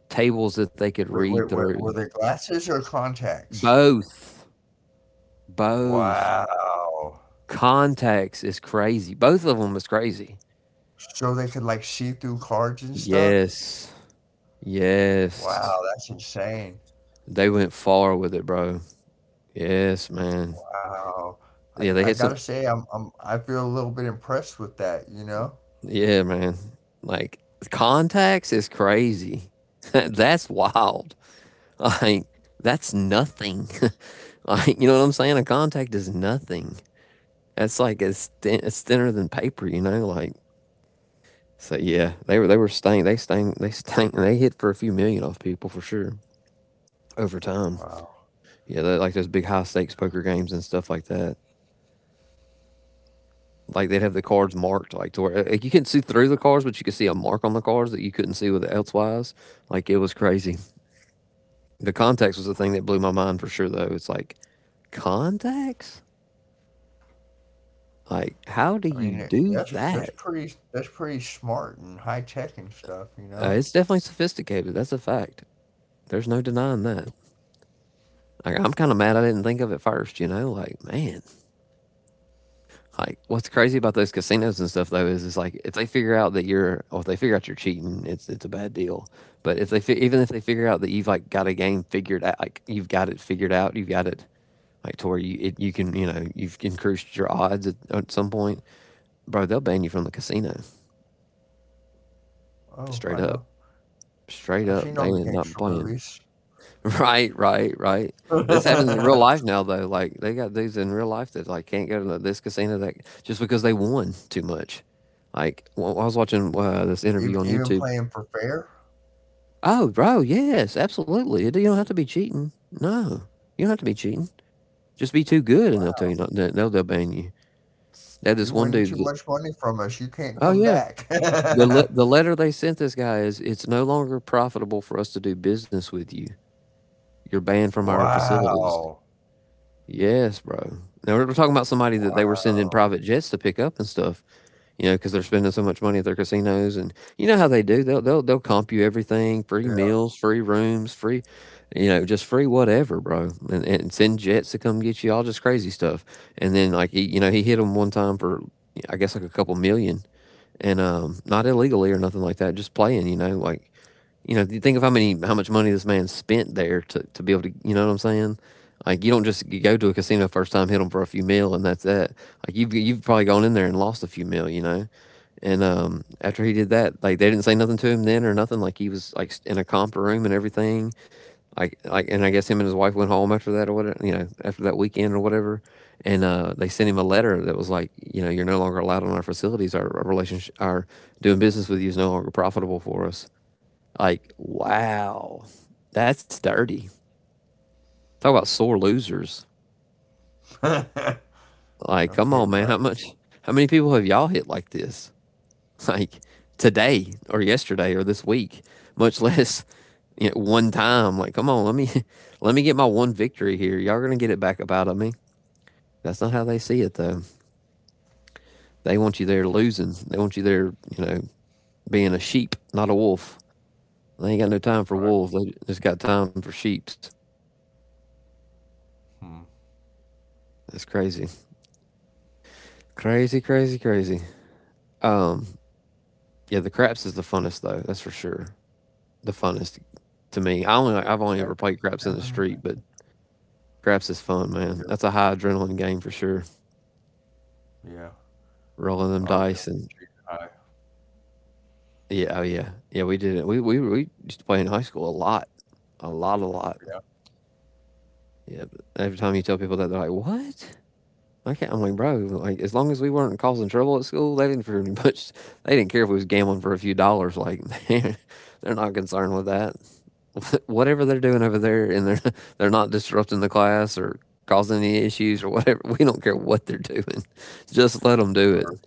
tables that they could
Wait,
read
wait, wait,
through.
were they glasses or contacts?
Both, both
Wow.
contacts is crazy. Both of them is crazy.
So they could like see through cards and stuff?
Yes. Yes.
Wow, that's insane.
They went far with it, bro. Yes, man.
Wow. I,
Yeah, they
I
hit some.
gotta say I'm, I'm I feel a little bit impressed with that, you know?
Yeah, man. Like contacts is crazy. That's wild. Like that's nothing. Like you know what I'm saying? A contact is nothing. That's like it's thin, it's thinner than paper. You know, like so. Yeah, they were they were staying. They staying. They staying. They hit for a few million off people for sure over time.
Wow.
Yeah, they, like those big high stakes poker games and stuff like that. Like they'd have the cards marked like to where like, you couldn't see through the cards, but you could see a mark on the cards that you couldn't see with elsewise. Like it was crazy. The contacts was the thing that blew my mind for sure though. It's like contacts. Like how do
I mean
you
it-
do
that's that's
that?
pretty that's pretty smart and high tech and stuff, you
Uh,
know?
it's definitely sophisticated. That's a fact. There's no denying that. Like I'm kind of mad I didn't think of it first. You know, like man, like, what's crazy about those casinos and stuff though is, it's like if they figure out that you're, or if they figure out you're cheating, it's it's a bad deal. But if they fi- even if they figure out that you've like got a game figured out, like you've got it figured out, you've got it like to where you it, you can you know you've increased your odds at, at some point, bro. They'll ban you from the casino
Oh, I
straight up,
know.
straight
I've
up.
seen
They
all the
ain't not
gangster
playing.
movies.
Right, right, right. This happens in real life now, though. Like they got dudes in real life that like can't go to this casino that just because they won too much. Like well, I was watching uh, this
even
interview on
even
YouTube.
playing for fair.
Oh, bro, yes, absolutely. You don't have to be cheating. No, you don't have to be cheating. Just be too good, and they'll
Wow.
tell you not. They'll they'll ban you. That this
You're
one
winning
dude.
too
That,
much money from us. You can't
oh
come
yeah,
back.
the le- the letter they sent this guy is it's no longer profitable for us to do business with you. You're banned from our facilities.
wow.
Yes, bro. Now we're talking about somebody that they were sending
Wow.
private jets to pick up and stuff, you know, because they're spending so much money at their casinos, and you know how they do. They'll they'll they'll comp you everything: free meals, free rooms, free, you know, just free whatever, bro. And, and send jets to come get you, all just crazy stuff. And then like he, you know, he hit them one time for I guess like a couple million, and um, not illegally or nothing like that, just playing, you know, like you know, think of how many how much money this man spent there to to be able to, you know what I'm saying? Like you don't just you go to a casino first time, hit them for a few mil, and that's that. Like you've you've probably gone in there and lost a few mil, you know. And um, after he did that, like they didn't say nothing to him then or nothing. Like he was like in a comp room and everything. Like like, and I guess him and his wife went home after that or whatever. You know, after that weekend or whatever. And uh, they sent him a letter that was like, you know, you're no longer allowed on our facilities. Our, our relationship, our doing business with you is no longer profitable for us. Like, wow, that's dirty. Talk about sore losers.
Yeah. no
Like, come on,
kidding,
man.
right?
How much? How many people have y'all hit like this? Like today or yesterday or this week? Much less you know, one time. Like, come on. Let me let me get my one victory here. Y'all are gonna get it back up out of me. That's not how they see it though. They want you there losing. They want you there, you know, being a sheep, not a wolf. They ain't got no time for
Right.
wolves. They just got time for sheeps.
Hmm.
That's crazy. Crazy, crazy, crazy. Um, Yeah, the craps is the funnest though. That's for sure. The funnest to me. I only I've only
Seven.
ever played craps in the
Seven.
street, but craps is fun, man.
Yeah.
That's a high adrenaline game for sure.
Yeah.
Rolling them
I was doing
dice and
it junior high.
yeah, oh yeah, yeah. We did it. We we we used to play in high school a lot, a lot, a lot.
Yeah.
Yeah. But every time you tell people that, they're like, "What?" I can't. I'm like, bro. Like as long as we weren't causing trouble at school, they didn't pretty much. They didn't care if we was gambling for a few dollars. Like they're not concerned with that. whatever they're doing over there, and they're they're not disrupting the class or causing any issues or whatever. We don't care what they're doing. Just let them do
Or,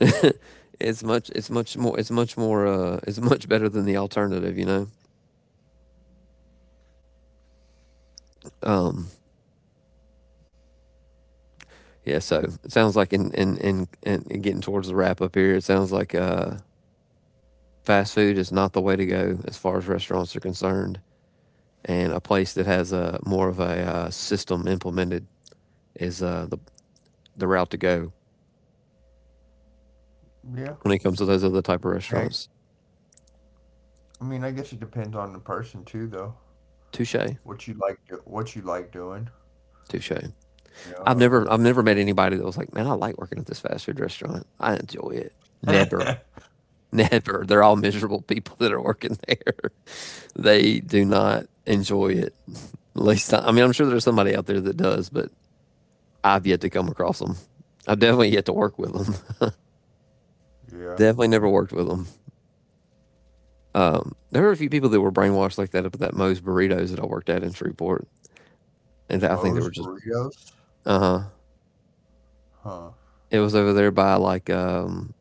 it. it's much it's much more it's much more uh it's much better than the alternative, you know. Um yeah, so it sounds like in in in, in getting towards the wrap up here, it sounds like uh fast food is not the way to go as far as restaurants are concerned, and a place that has a more of a uh, system implemented is uh the the route to go
yeah.
when it comes to those other type of
I mean, I,
restaurants.
I mean, I guess it depends on the person too, though.
Touche,
What you like, do, what you like doing.
touche.
You
I've never,
know.
I've never met anybody that was like, man, I like working at this fast food restaurant. I enjoy it. Never,
Uh,
never. They're all miserable people that are working there. they do not enjoy it. At least, I, I mean, I'm sure there's somebody out there that does, but I've yet to come across them. I've definitely yet to work with them.
yeah.
definitely never worked with them. Um, there were a few people that were brainwashed like that up at that Moe's Burritos that I worked at in Shreveport, and I think they were
Moe's
just
burritos.
uh huh.
Huh.
It was over there by like um,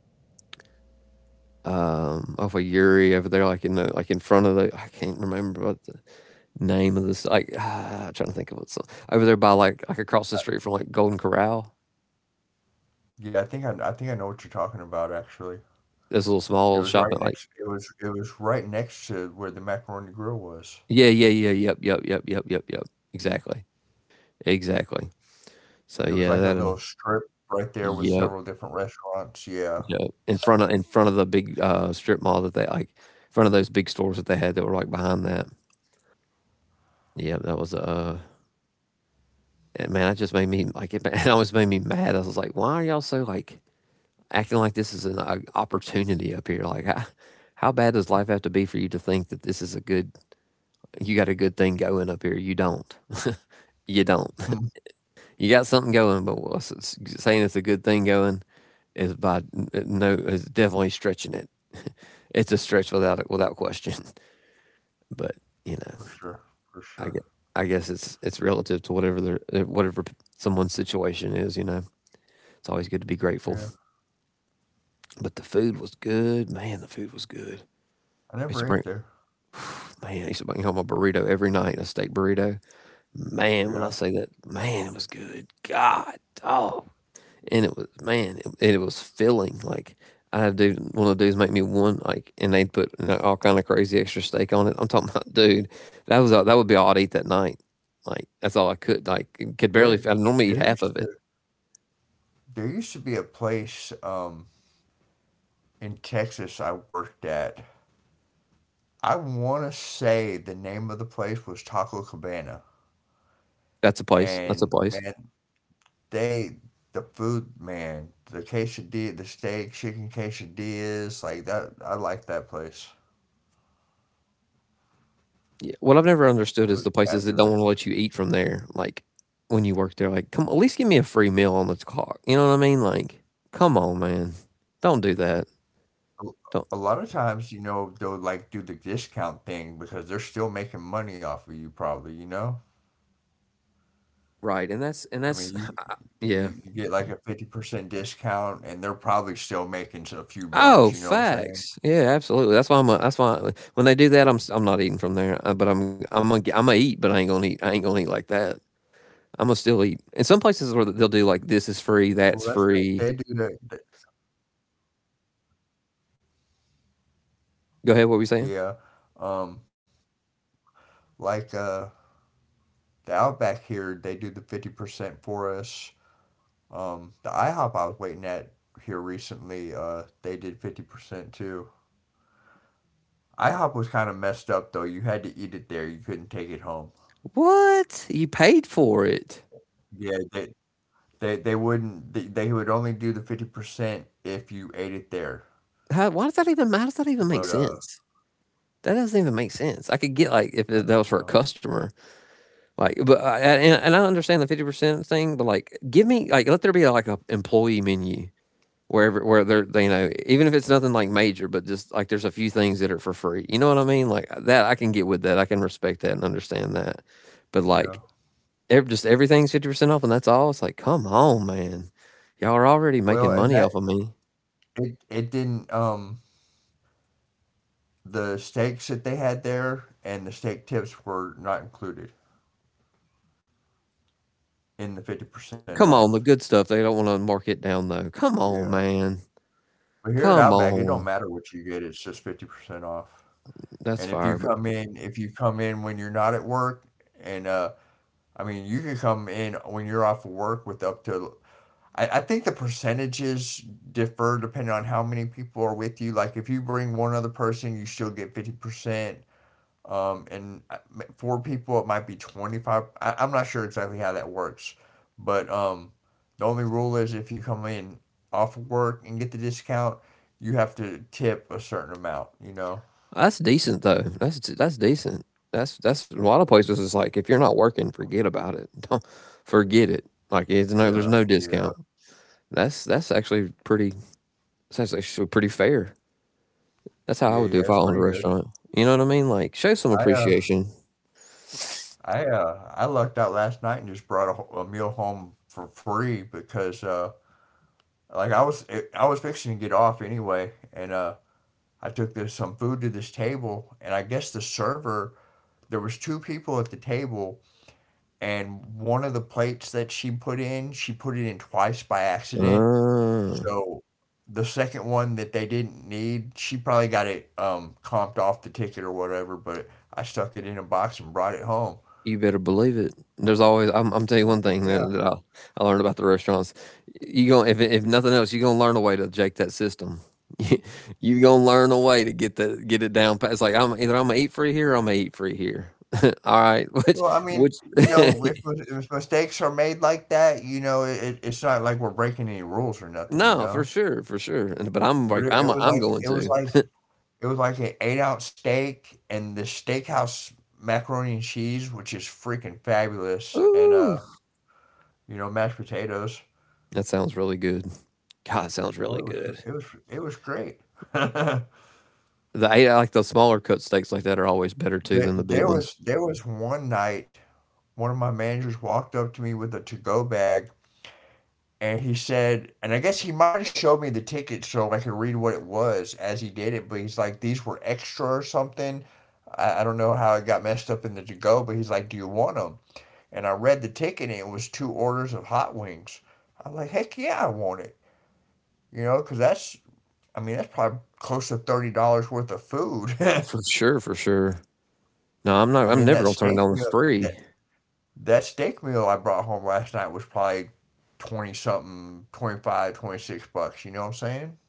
um off of Yuri over there, like in the like in front of the I can't remember what the name of this like ah, I'm trying to think of what's over there by like like across the street from like Golden Corral.
Yeah. I think I, I think I know what you're talking about, actually.
There's a little small
It
little
was
shop
right
and like
next it was it was right next to where the Macaroni Grill was.
yeah yeah yeah yep yep yep yep yep yep exactly exactly. So
It was
yeah
like a
that uh,
little strip right there with
yep
several different restaurants, yeah.
yep in front of in front of the big uh strip mall that they like in front of those big stores that they had that were like behind that. Yeah, that was uh and man, that just made me like it, ma- it almost made me mad. I was like, why are y'all so like acting like this is an uh, opportunity up here. Like, how, how bad does life have to be for you to think that this is a good, you got a good thing going up here? You don't. you don't.
Hmm.
You got something going, but what's it's saying it's a good thing going is by uh, no, is definitely stretching it. It's a stretch without it, without question. But you know,
For sure, for
I
sure.
get. I guess it's it's relative to whatever their uh, whatever someone's situation is. You know, it's always good to be grateful.
Yeah.
But the food was good, man. The food was good. I
I
used to
never
bring
ate there.
Man, I used to bring home a burrito every night, a steak burrito. Man, when I
Yeah.
say that, man, it was good. God, oh, and it was man, it, it was filling. Like I had a dude, one of the dudes make me one like, and they'd put you know, all kind of crazy extra steak on it. I'm talking about, dude, that was all- that would be all I'd eat that night. Like that's all I could like could barely.
There
I normally eat
there
half
used
of
to
it.
there used to be a place um in Texas I worked at. I wanna say the name of the place was Taco Cabana.
That's a place. That's a
And
place.
man, they the food man, the quesadilla, the steak, chicken quesadillas, like that. I like that place.
Yeah. What I've never understood
It
is
was
the places that don't want to
fabulous.
let you eat from there. Like when you work there, like come at least give me a free meal on the clock. You know what I mean? Like, come on, man, don't do that.
A
Don't
a lot of times, you know, they'll like do the discount thing because they're still making money off of you, probably. You know,
right. And that's and
I
that's
mean, you
yeah.
you, you get like a fifty percent discount and they're probably still making a few
Oh,
bucks. You know what I'm saying?
facts. Yeah, absolutely. That's why I'm. A, that's why when they do that, I'm s- I'm not eating from there. Uh, But I'm I'm gonna I'm gonna eat, but I ain't gonna eat. I ain't gonna eat like that. I'm gonna still eat. And some places where they'll do like this is free, that's
Well, that's the,
free.
they do the, the
Go ahead. What were you saying?
yeah. Um, like uh, the Outback here, they do the fifty percent for us. Um, the IHOP I was waiting at here recently, uh, they did fifty percent too. IHOP was kind of messed up though. You had to eat it there. You couldn't take it home.
What you paid for it?
Yeah, they they, they wouldn't. They, they would only do the fifty percent if you ate it there.
How, why does that even? How does that even make
But uh,
sense? That doesn't even make sense. I could get like if that was for a
oh,
customer, like, but I, and, and I understand the fifty percent thing, but like, give me like let there be like an employee menu wherever where they're they, you know even if it's nothing like major, but just like there's a few things that are for free. You know what I mean? Like uh, that, I can get with that. I can respect that and understand that. But
yeah.
like, ev- just everything's fifty percent off, and that's all. It's like, come on, man, y'all are already
Well,
making
and
money
that
off of me.
it it didn't. Um, the steaks that they had there and the steak tips were not included in the fifty percent
Come
off.
on, the good stuff. They don't want to mark it down though. Come
Yeah,
on, man.
but here at
Come
Outback, it don't
on.
matter what you get. It's just fifty percent off.
That's
And if you
fire. But
come in, if you come in when you're not at work, and uh, I mean, you can come in when you're off of work with up to. I, I think the percentages differ depending on how many people are with you. Like if you bring one other person, you still get fifty percent. Um, and uh, m- four people, it might be twenty five. i I'm not sure exactly how that works, but um, the only rule is if you come in off of work and get the discount, you have to tip a certain amount. You know.
that's decent though. That's that's decent. That's that's a lot of places. It's like if you're not working, forget about it. Don't forget it. Like it's no, there's
Yeah.
no
Yeah.
discount. That's that's actually pretty. That's actually pretty fair. That's how I
Yeah,
would do
yeah,
if I
it's
owned a
pretty good.
restaurant. You know what I mean? Like show some
I uh,
appreciation.
I uh, I lucked out last night and just brought a, ho- a meal home for free because uh, like I was it, I was fixing to get off anyway, and uh, I took this some food to this table, and I guess the server there was two people at the table, and one of the plates that she put in, she put it in twice by accident,
Ah.
so. The second one that they didn't need, she probably got it um comped off the ticket or whatever, but I stuck it in a box and brought it home.
You better believe it. There's always I'm I'm telling you
Oh,
one
heck
thing that,
yeah.
that I, I learned about the restaurants. You going if if nothing else, you're gonna learn a way to jake that system. you are gonna learn a way to get the get it down. Pat. It's like I'm either I'm gonna eat free here, or I'm gonna eat free here. All right, which
Well, I mean,
which
you know, if, if mistakes are made like that, you know, it, it's not like we're breaking any rules or nothing, you
no, for
know.
sure, for sure. And- But I'm
But
like
it, it
I'm
was
I'm
like
going
it was
to.
like it was like an eight ounce steak and the steakhouse macaroni and cheese, which is freaking fabulous, and
Ooh,
uh, you know, mashed potatoes.
that sounds really good. God, it sounds
Oh,
really
it was
good.
it was it was great.
The I I like the smaller cut steaks like that are always better too
There
than the big
there
ones.
was there was one night one of my managers walked up to me with a to go bag and he said, and I guess he might have showed me the ticket so I could read what it was as he did it, but he's like, these were extra or something. I, I don't know how it got messed up in the to go, but he's like, do you want them? And I read the ticket and it was two orders of hot wings. I'm like, heck yeah, I want it. You know, because that's, I mean, that's probably close to thirty dollars worth of food.
For sure, for sure. No, I'm not.
I
I'm
mean,
never
that
gonna turn
steak
down the
meal,
free,
that, that steak meal I brought home last night was probably twenty something, twenty five, twenty six bucks. You know what I'm saying?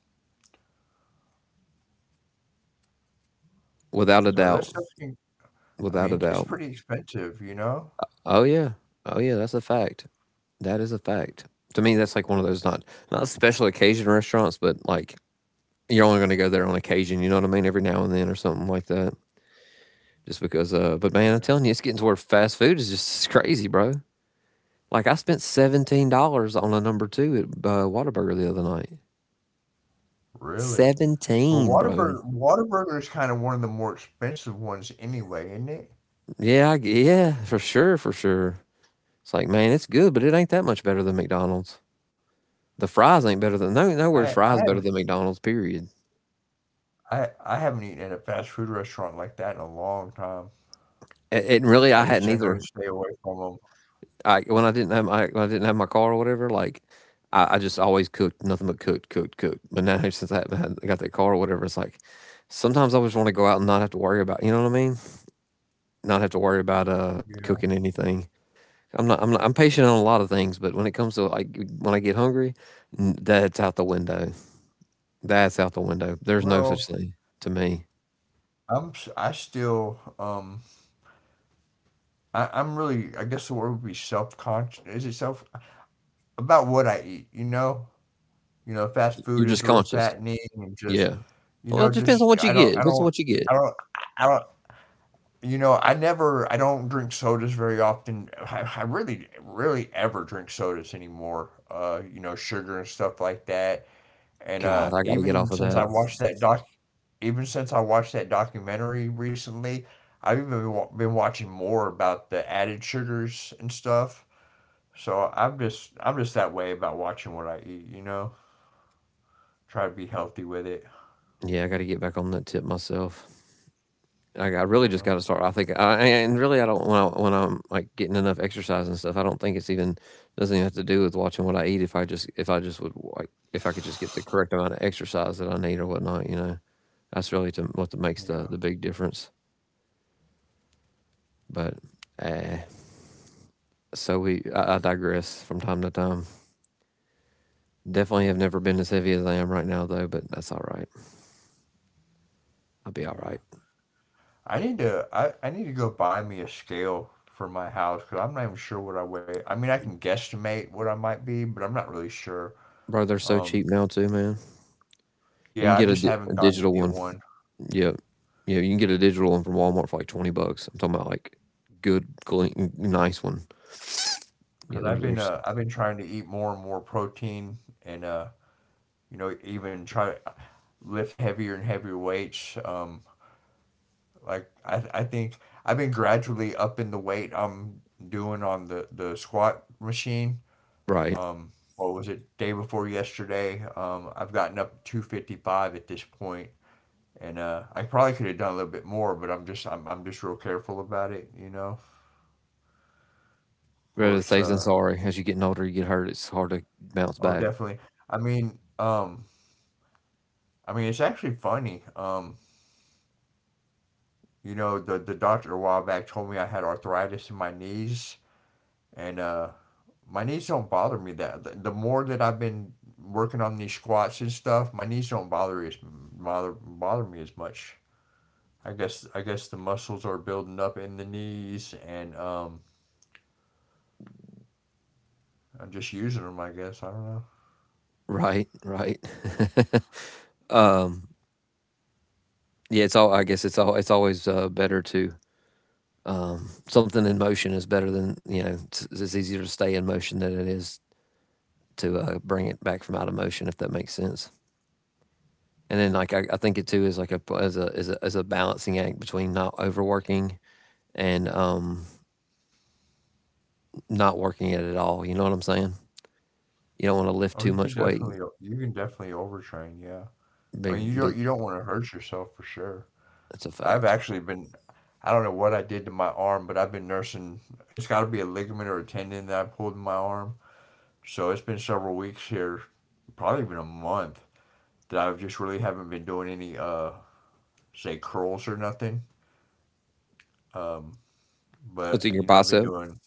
without a
So
doubt,
that stuff can I
without a
mean, it gets
doubt.
pretty expensive, you know?
Oh yeah, oh yeah. That's a fact. That is a fact. To me, that's like one of those not not special occasion restaurants, but like you're only gonna go there on occasion. You know what I mean? Every now and then or something like that. Just because. Uh, but man, I'm
Yeah,
telling you, it's getting to where fast food is just crazy, bro. Like I spent seventeen dollars on a number two at uh, Whataburger the other night.
really. But
Seventeen, bro.
Whataburger, Whataburger is kind of one of the more expensive ones anyway, isn't it?
Yeah, I, yeah, for sure, for sure. It's like, man, it's good, but it ain't that much better than McDonald's. The fries ain't better
I
than
I
no
haven't
nowhere's fries better than McDonald's. Period.
I I haven't eaten at a fast food restaurant like that in a long time.
And, and
I
really, I
just
hadn't
generally
either.
stay away from them.
I when I didn't have my when I didn't have my car or whatever, like I, I just always cooked nothing but cooked, cooked, cooked. But now since I haven't had- got that car or whatever, it's like sometimes I just want to go out and not have to worry about you know what I mean, not have to worry about uh
Yeah.
cooking anything. I'm not, I'm not, I'm patient on a lot of things, but when it comes to like when I get hungry, n- that's out the window. That's out the window. There's no such
Well,
thing to me.
I'm s- I still um I I'm really I guess the word would be self-conscious. Is it self about what I eat, you know? You know, fast food
You're just
is real
conscious.
fattening and just,
Yeah.
you
Well,
know,
it depends on
just
what you
I don't
get.
I
Depends on
don't
what you get.
I don't I don't you know, I never, I don't drink sodas very often. I, I really, really ever drink sodas anymore. Uh, you know, sugar and stuff like that. And
God,
uh,
I got to get
even
off of
since
that.
I watched that doc, even since I watched that documentary recently, I've even been, wa- been watching more about the added sugars and stuff. So I'm just, I'm just that way about watching what I eat. You know, try to be healthy with it.
Yeah, I got to get back on that tip myself. I, I
You
really just
know,
got to start. I think, I, and really, I don't when I, when I'm like getting enough exercise and stuff. I don't think it's even doesn't even have to do with watching what I eat. If I just if I just would like if I could just get the correct amount of exercise that I need or whatnot, you know, that's really to, what that makes the
yeah,
the big difference. But eh, so we I, I digress from time to time. Definitely have
mm,
never been as heavy as I am right now though, but that's all right. I'll be all
yeah.
right,
I need to I, I need to go buy me a scale for my house because I'm not even sure what I weigh. I mean, I can guesstimate what I might be, but I'm not really sure.
bro. They're so
Um,
cheap now too, man. You can
yeah, I
get a,
just
di- a
haven't gone to
digital
get
one.
one
Yeah, yeah. You can get a digital one from Walmart for like twenty bucks. I'm talking about like good, clean, nice one. Yeah,
because
there's
I've been
there's
uh I've been trying to eat more and more protein and uh you know even try to lift heavier and heavier weights. Um, like I I think I've been gradually upping the weight I'm doing on the the squat machine.
right.
Um, what was it? Day before yesterday. Um, I've gotten up two fifty-five at this point, and uh, I probably could have done a little bit more, but I'm just I'm I'm just real careful about it, you know. Of
Rather
course.
safe than
Uh,
sorry. As you getting older, you get hurt. It's hard to bounce
oh,
back.
definitely. I mean, um, I mean, it's actually funny. Um, you know, the the doctor a while back told me I had arthritis in my knees, and uh, my knees don't bother me that. The, the more that I've been working on these squats and stuff, my knees don't bother as bother bother me as much. I guess I guess the muscles are building up in the knees, and um, I'm just using them. I guess I don't know.
Right, right. um, yeah. It's all. I guess it's all. It's always uh, better to um, something in motion is better than you know. It's, it's easier to stay in motion than it is to uh, bring it back from out of motion. If that makes sense. And then like I, I think it too is like a as a as a as a balancing act between not overworking and um not working it at all. You know what I'm saying? You don't want to lift
Oh,
too
you can
much weight.
definitely you can definitely overtrain. Yeah, I mean
Big
you don't
big
you don't want to hurt yourself for sure.
that's a
I've
fact.
actually been I don't know what I did to my arm, but I've been nursing. It's got to be a ligament or a tendon that I pulled in my arm. So it's been several weeks here, probably even a month that I've just really haven't been doing any uh say curls or nothing. Um, but
What's in your
you know I've been
bicep?
doing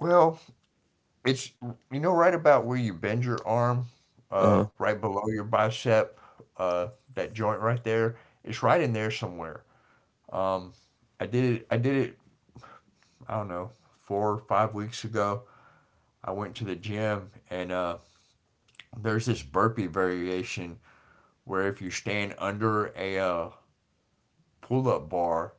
well. It's you know right about where you bend your arm,
Uh
uh,
huh.
right below your bicep, uh, that joint right there. It's right in there somewhere. Um, I did it. I did it. I don't know, four or five weeks ago. I went to the gym and uh, there's this burpee variation where if you stand under a uh, pull-up bar,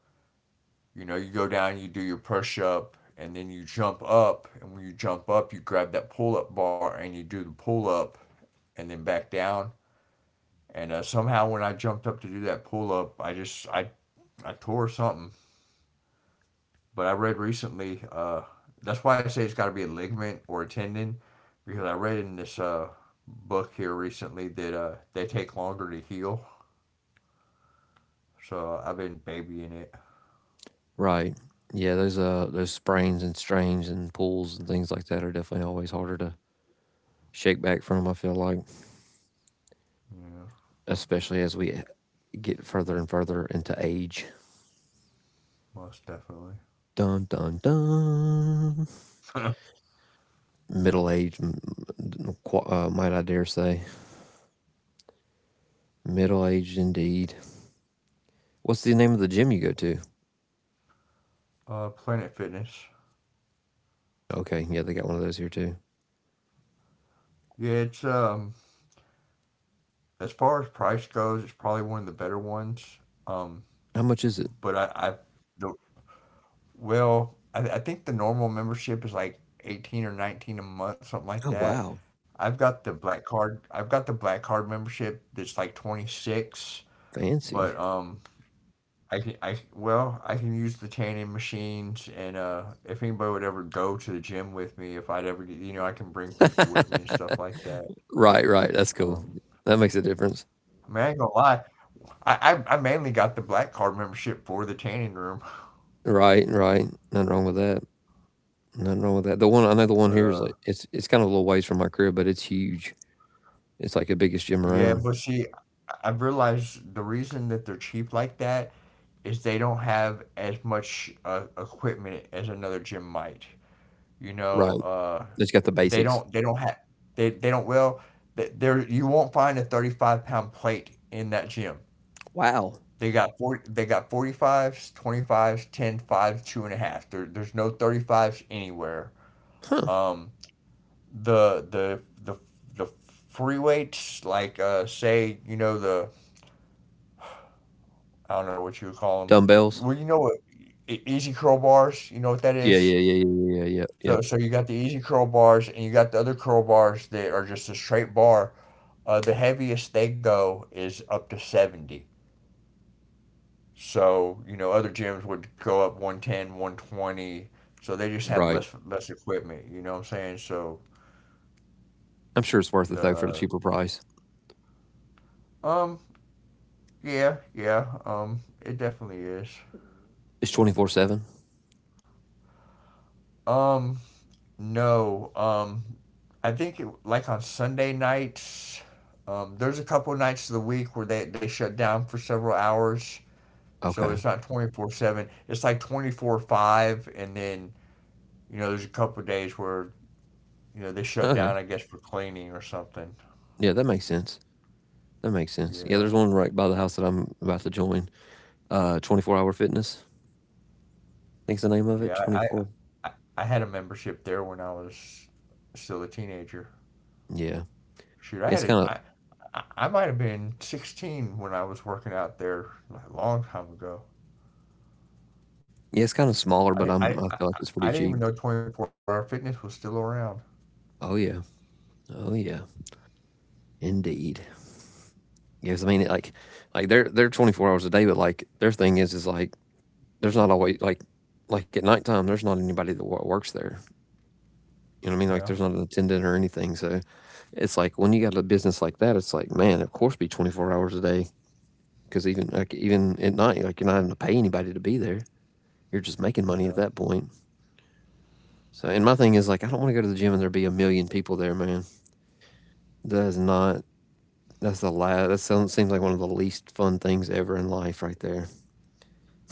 you know, you go down, you do your push-up, and then you jump up. And when you jump up, you grab that pull-up bar and you do the pull-up, and then back down. And uh, somehow, when I jumped up to do that pull up, I just I I tore something. But I read recently. Uh, that's why I say it's got to be a ligament or a tendon, because I read in this uh, book here recently that uh, they take longer to heal. So I've been babying it.
Right. Yeah, those uh those sprains and strains and pulls and things like that are definitely always harder to shake back from, I feel like.
Yeah,
Especially as we get further and further into age.
most definitely.
Dun dun dun. Middle age, m- m- qu- uh, might I dare say. Middle aged indeed. What's the name of the gym you go to?
Uh, Planet Fitness.
Okay, yeah, they got one of those here too.
Yeah, it's um as far as price goes, it's probably one of the better ones. Um,
How much is it?
but I, I the Well, I, I think the normal membership is like eighteen or nineteen a month, something like
Oh,
that.
wow.
I've got the black card. I've got the black card membership that's like twenty-six, but
Fancy.
um I can I well, I can use the tanning machines and uh if anybody would ever go to the gym with me, if I'd ever get, you know, I can bring people with me and stuff like that.
right, right. That's cool.
Um
That makes a difference.
I mean, I ain't gonna lie. I, I, I mainly got the black card membership for the tanning room.
Right, right. Nothing wrong with that. Nothing wrong with that. The one I know, the one
but
here is
uh,
like it's it's kind of a little ways from my crib, but it's huge. It's like the biggest gym
well, yeah.
around.
But see, I've realized the reason that they're cheap like that is they don't have as much uh, equipment as another gym might. You know,
Right.
uh,
It's got the
they
basics.
don't they don't have they, they don't well th- there you won't find a thirty-five pound plate in that gym.
Wow.
They got forty, they got forty-fives, twenty-fives, two and a half. There, there's no thirty-fives anywhere.
Huh.
Um the the the the free weights like uh say, you know the I don't know what you would call them.
Dumbbells.
Well, you know what? e- Easy crowbars. You know what that
Yeah, yeah,
is?
yeah, yeah, yeah, yeah, yeah. Yep.
So, so you got the easy crowbars, and you got the other crowbars that are just a straight bar. Uh, the heaviest they go is up to seventy. So, you know, other gyms would go up one ten, one twenty. So they just have
Right.
less less equipment. You know what I'm saying? So
I'm sure it's worth it though for the
the
cheaper price.
uh, um yeah, yeah um it definitely is.
It's twenty four seven.
Um No, um, I think it, like on Sunday nights, um, there's a couple of nights of the week where they, they shut down for several hours. So it's
Okay.
not twenty-four seven. It's like twenty-four five and then, you know, there's a couple of days where, you know, they shut down
Okay.
I guess for cleaning or something.
Yeah, that makes sense. That makes sense. Yeah,
Yeah.
there's one right by the house that I'm about to join. Uh, twenty four Hour Fitness, I think's the name of it.
Yeah, I
twenty four.
I, I had a membership there when I was still a teenager.
Yeah,
Shoot, I
Yeah, it's
had a
kind of
I I I might have been sixteen when I was working out there like, a long time ago.
yeah, it's kind of smaller,
I
but
I
I'm I
I,
feel like it's pretty
I didn't
cheap.
even know twenty-four Hour Fitness was still around.
Oh yeah, oh yeah, indeed. Yes, I mean like like they're they're twenty four hours a day, but like their thing is is like there's not always like like at nighttime there's not anybody that wo- works there. You know what I mean? Like
Yeah,
there's not an attendant or anything. So it's like when you got a business like that, it's like man, of course be twenty four hours a day because even like even at night, like you're not having to pay anybody to be there. You're just making money at
yeah,
that point. So, and my thing is like, I don't want to go to the gym and there be a million people there, man. That is not. That's the last. That sounds, seems like one of the least fun things ever in life, right there.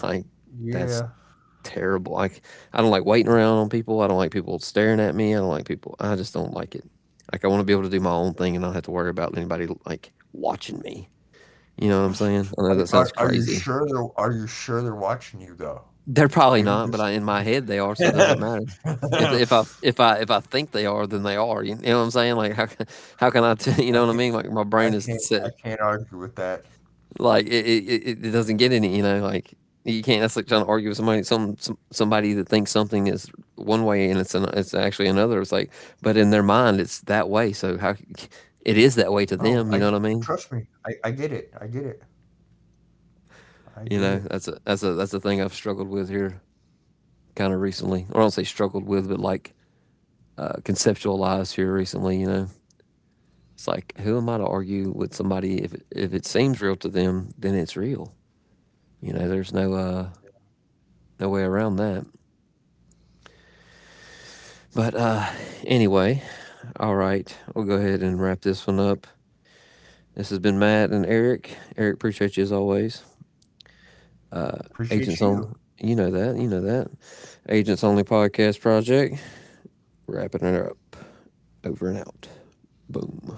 Like, that's
yeah.
terrible. Like, I don't like waiting around on people. I don't like people staring at me. I don't like people. I just don't like it. Like, I want to be able to do my own thing and not have to worry about anybody like watching me. You know what I'm saying? I know that
Are,
sounds
are are you
crazy.
sure they're Are you sure they're watching you though?
They're probably
Maybe
not, but
just.
I, in my head they are, so it
I
doesn't matter. If if I if I if I think they are, then they are. You know what I'm saying? Like how can how can I tell? You know what I
can't.
mean? Like my brain
I
is
can't.
set.
I can't argue with that.
Like it it, it it doesn't get any. You know, like you can't. That's like trying to argue with somebody some, some somebody that thinks something is one way and it's an, it's actually another. It's like, but in their mind it's that way. So how c- it is that way to
Oh, I
them? You know what I mean?
trust me. I I get it. I get it. I get
You
it.
know that's a that's a that's a thing I've struggled with here kind of recently. Or I don't say struggled with, but like uh, conceptualized here recently. You know, it's like who am I to argue with somebody if if it seems real to them, then it's real. You know, there's no uh, no way around that. But uh, anyway, all right, we'll go ahead and wrap this one up. This has been Matt and Eric. Eric, appreciate you as always. Uh,
Appreciate
Agents
you.
on, you know that, you know that. Agents Only Podcast Project, wrapping it up. Over and out. Boom.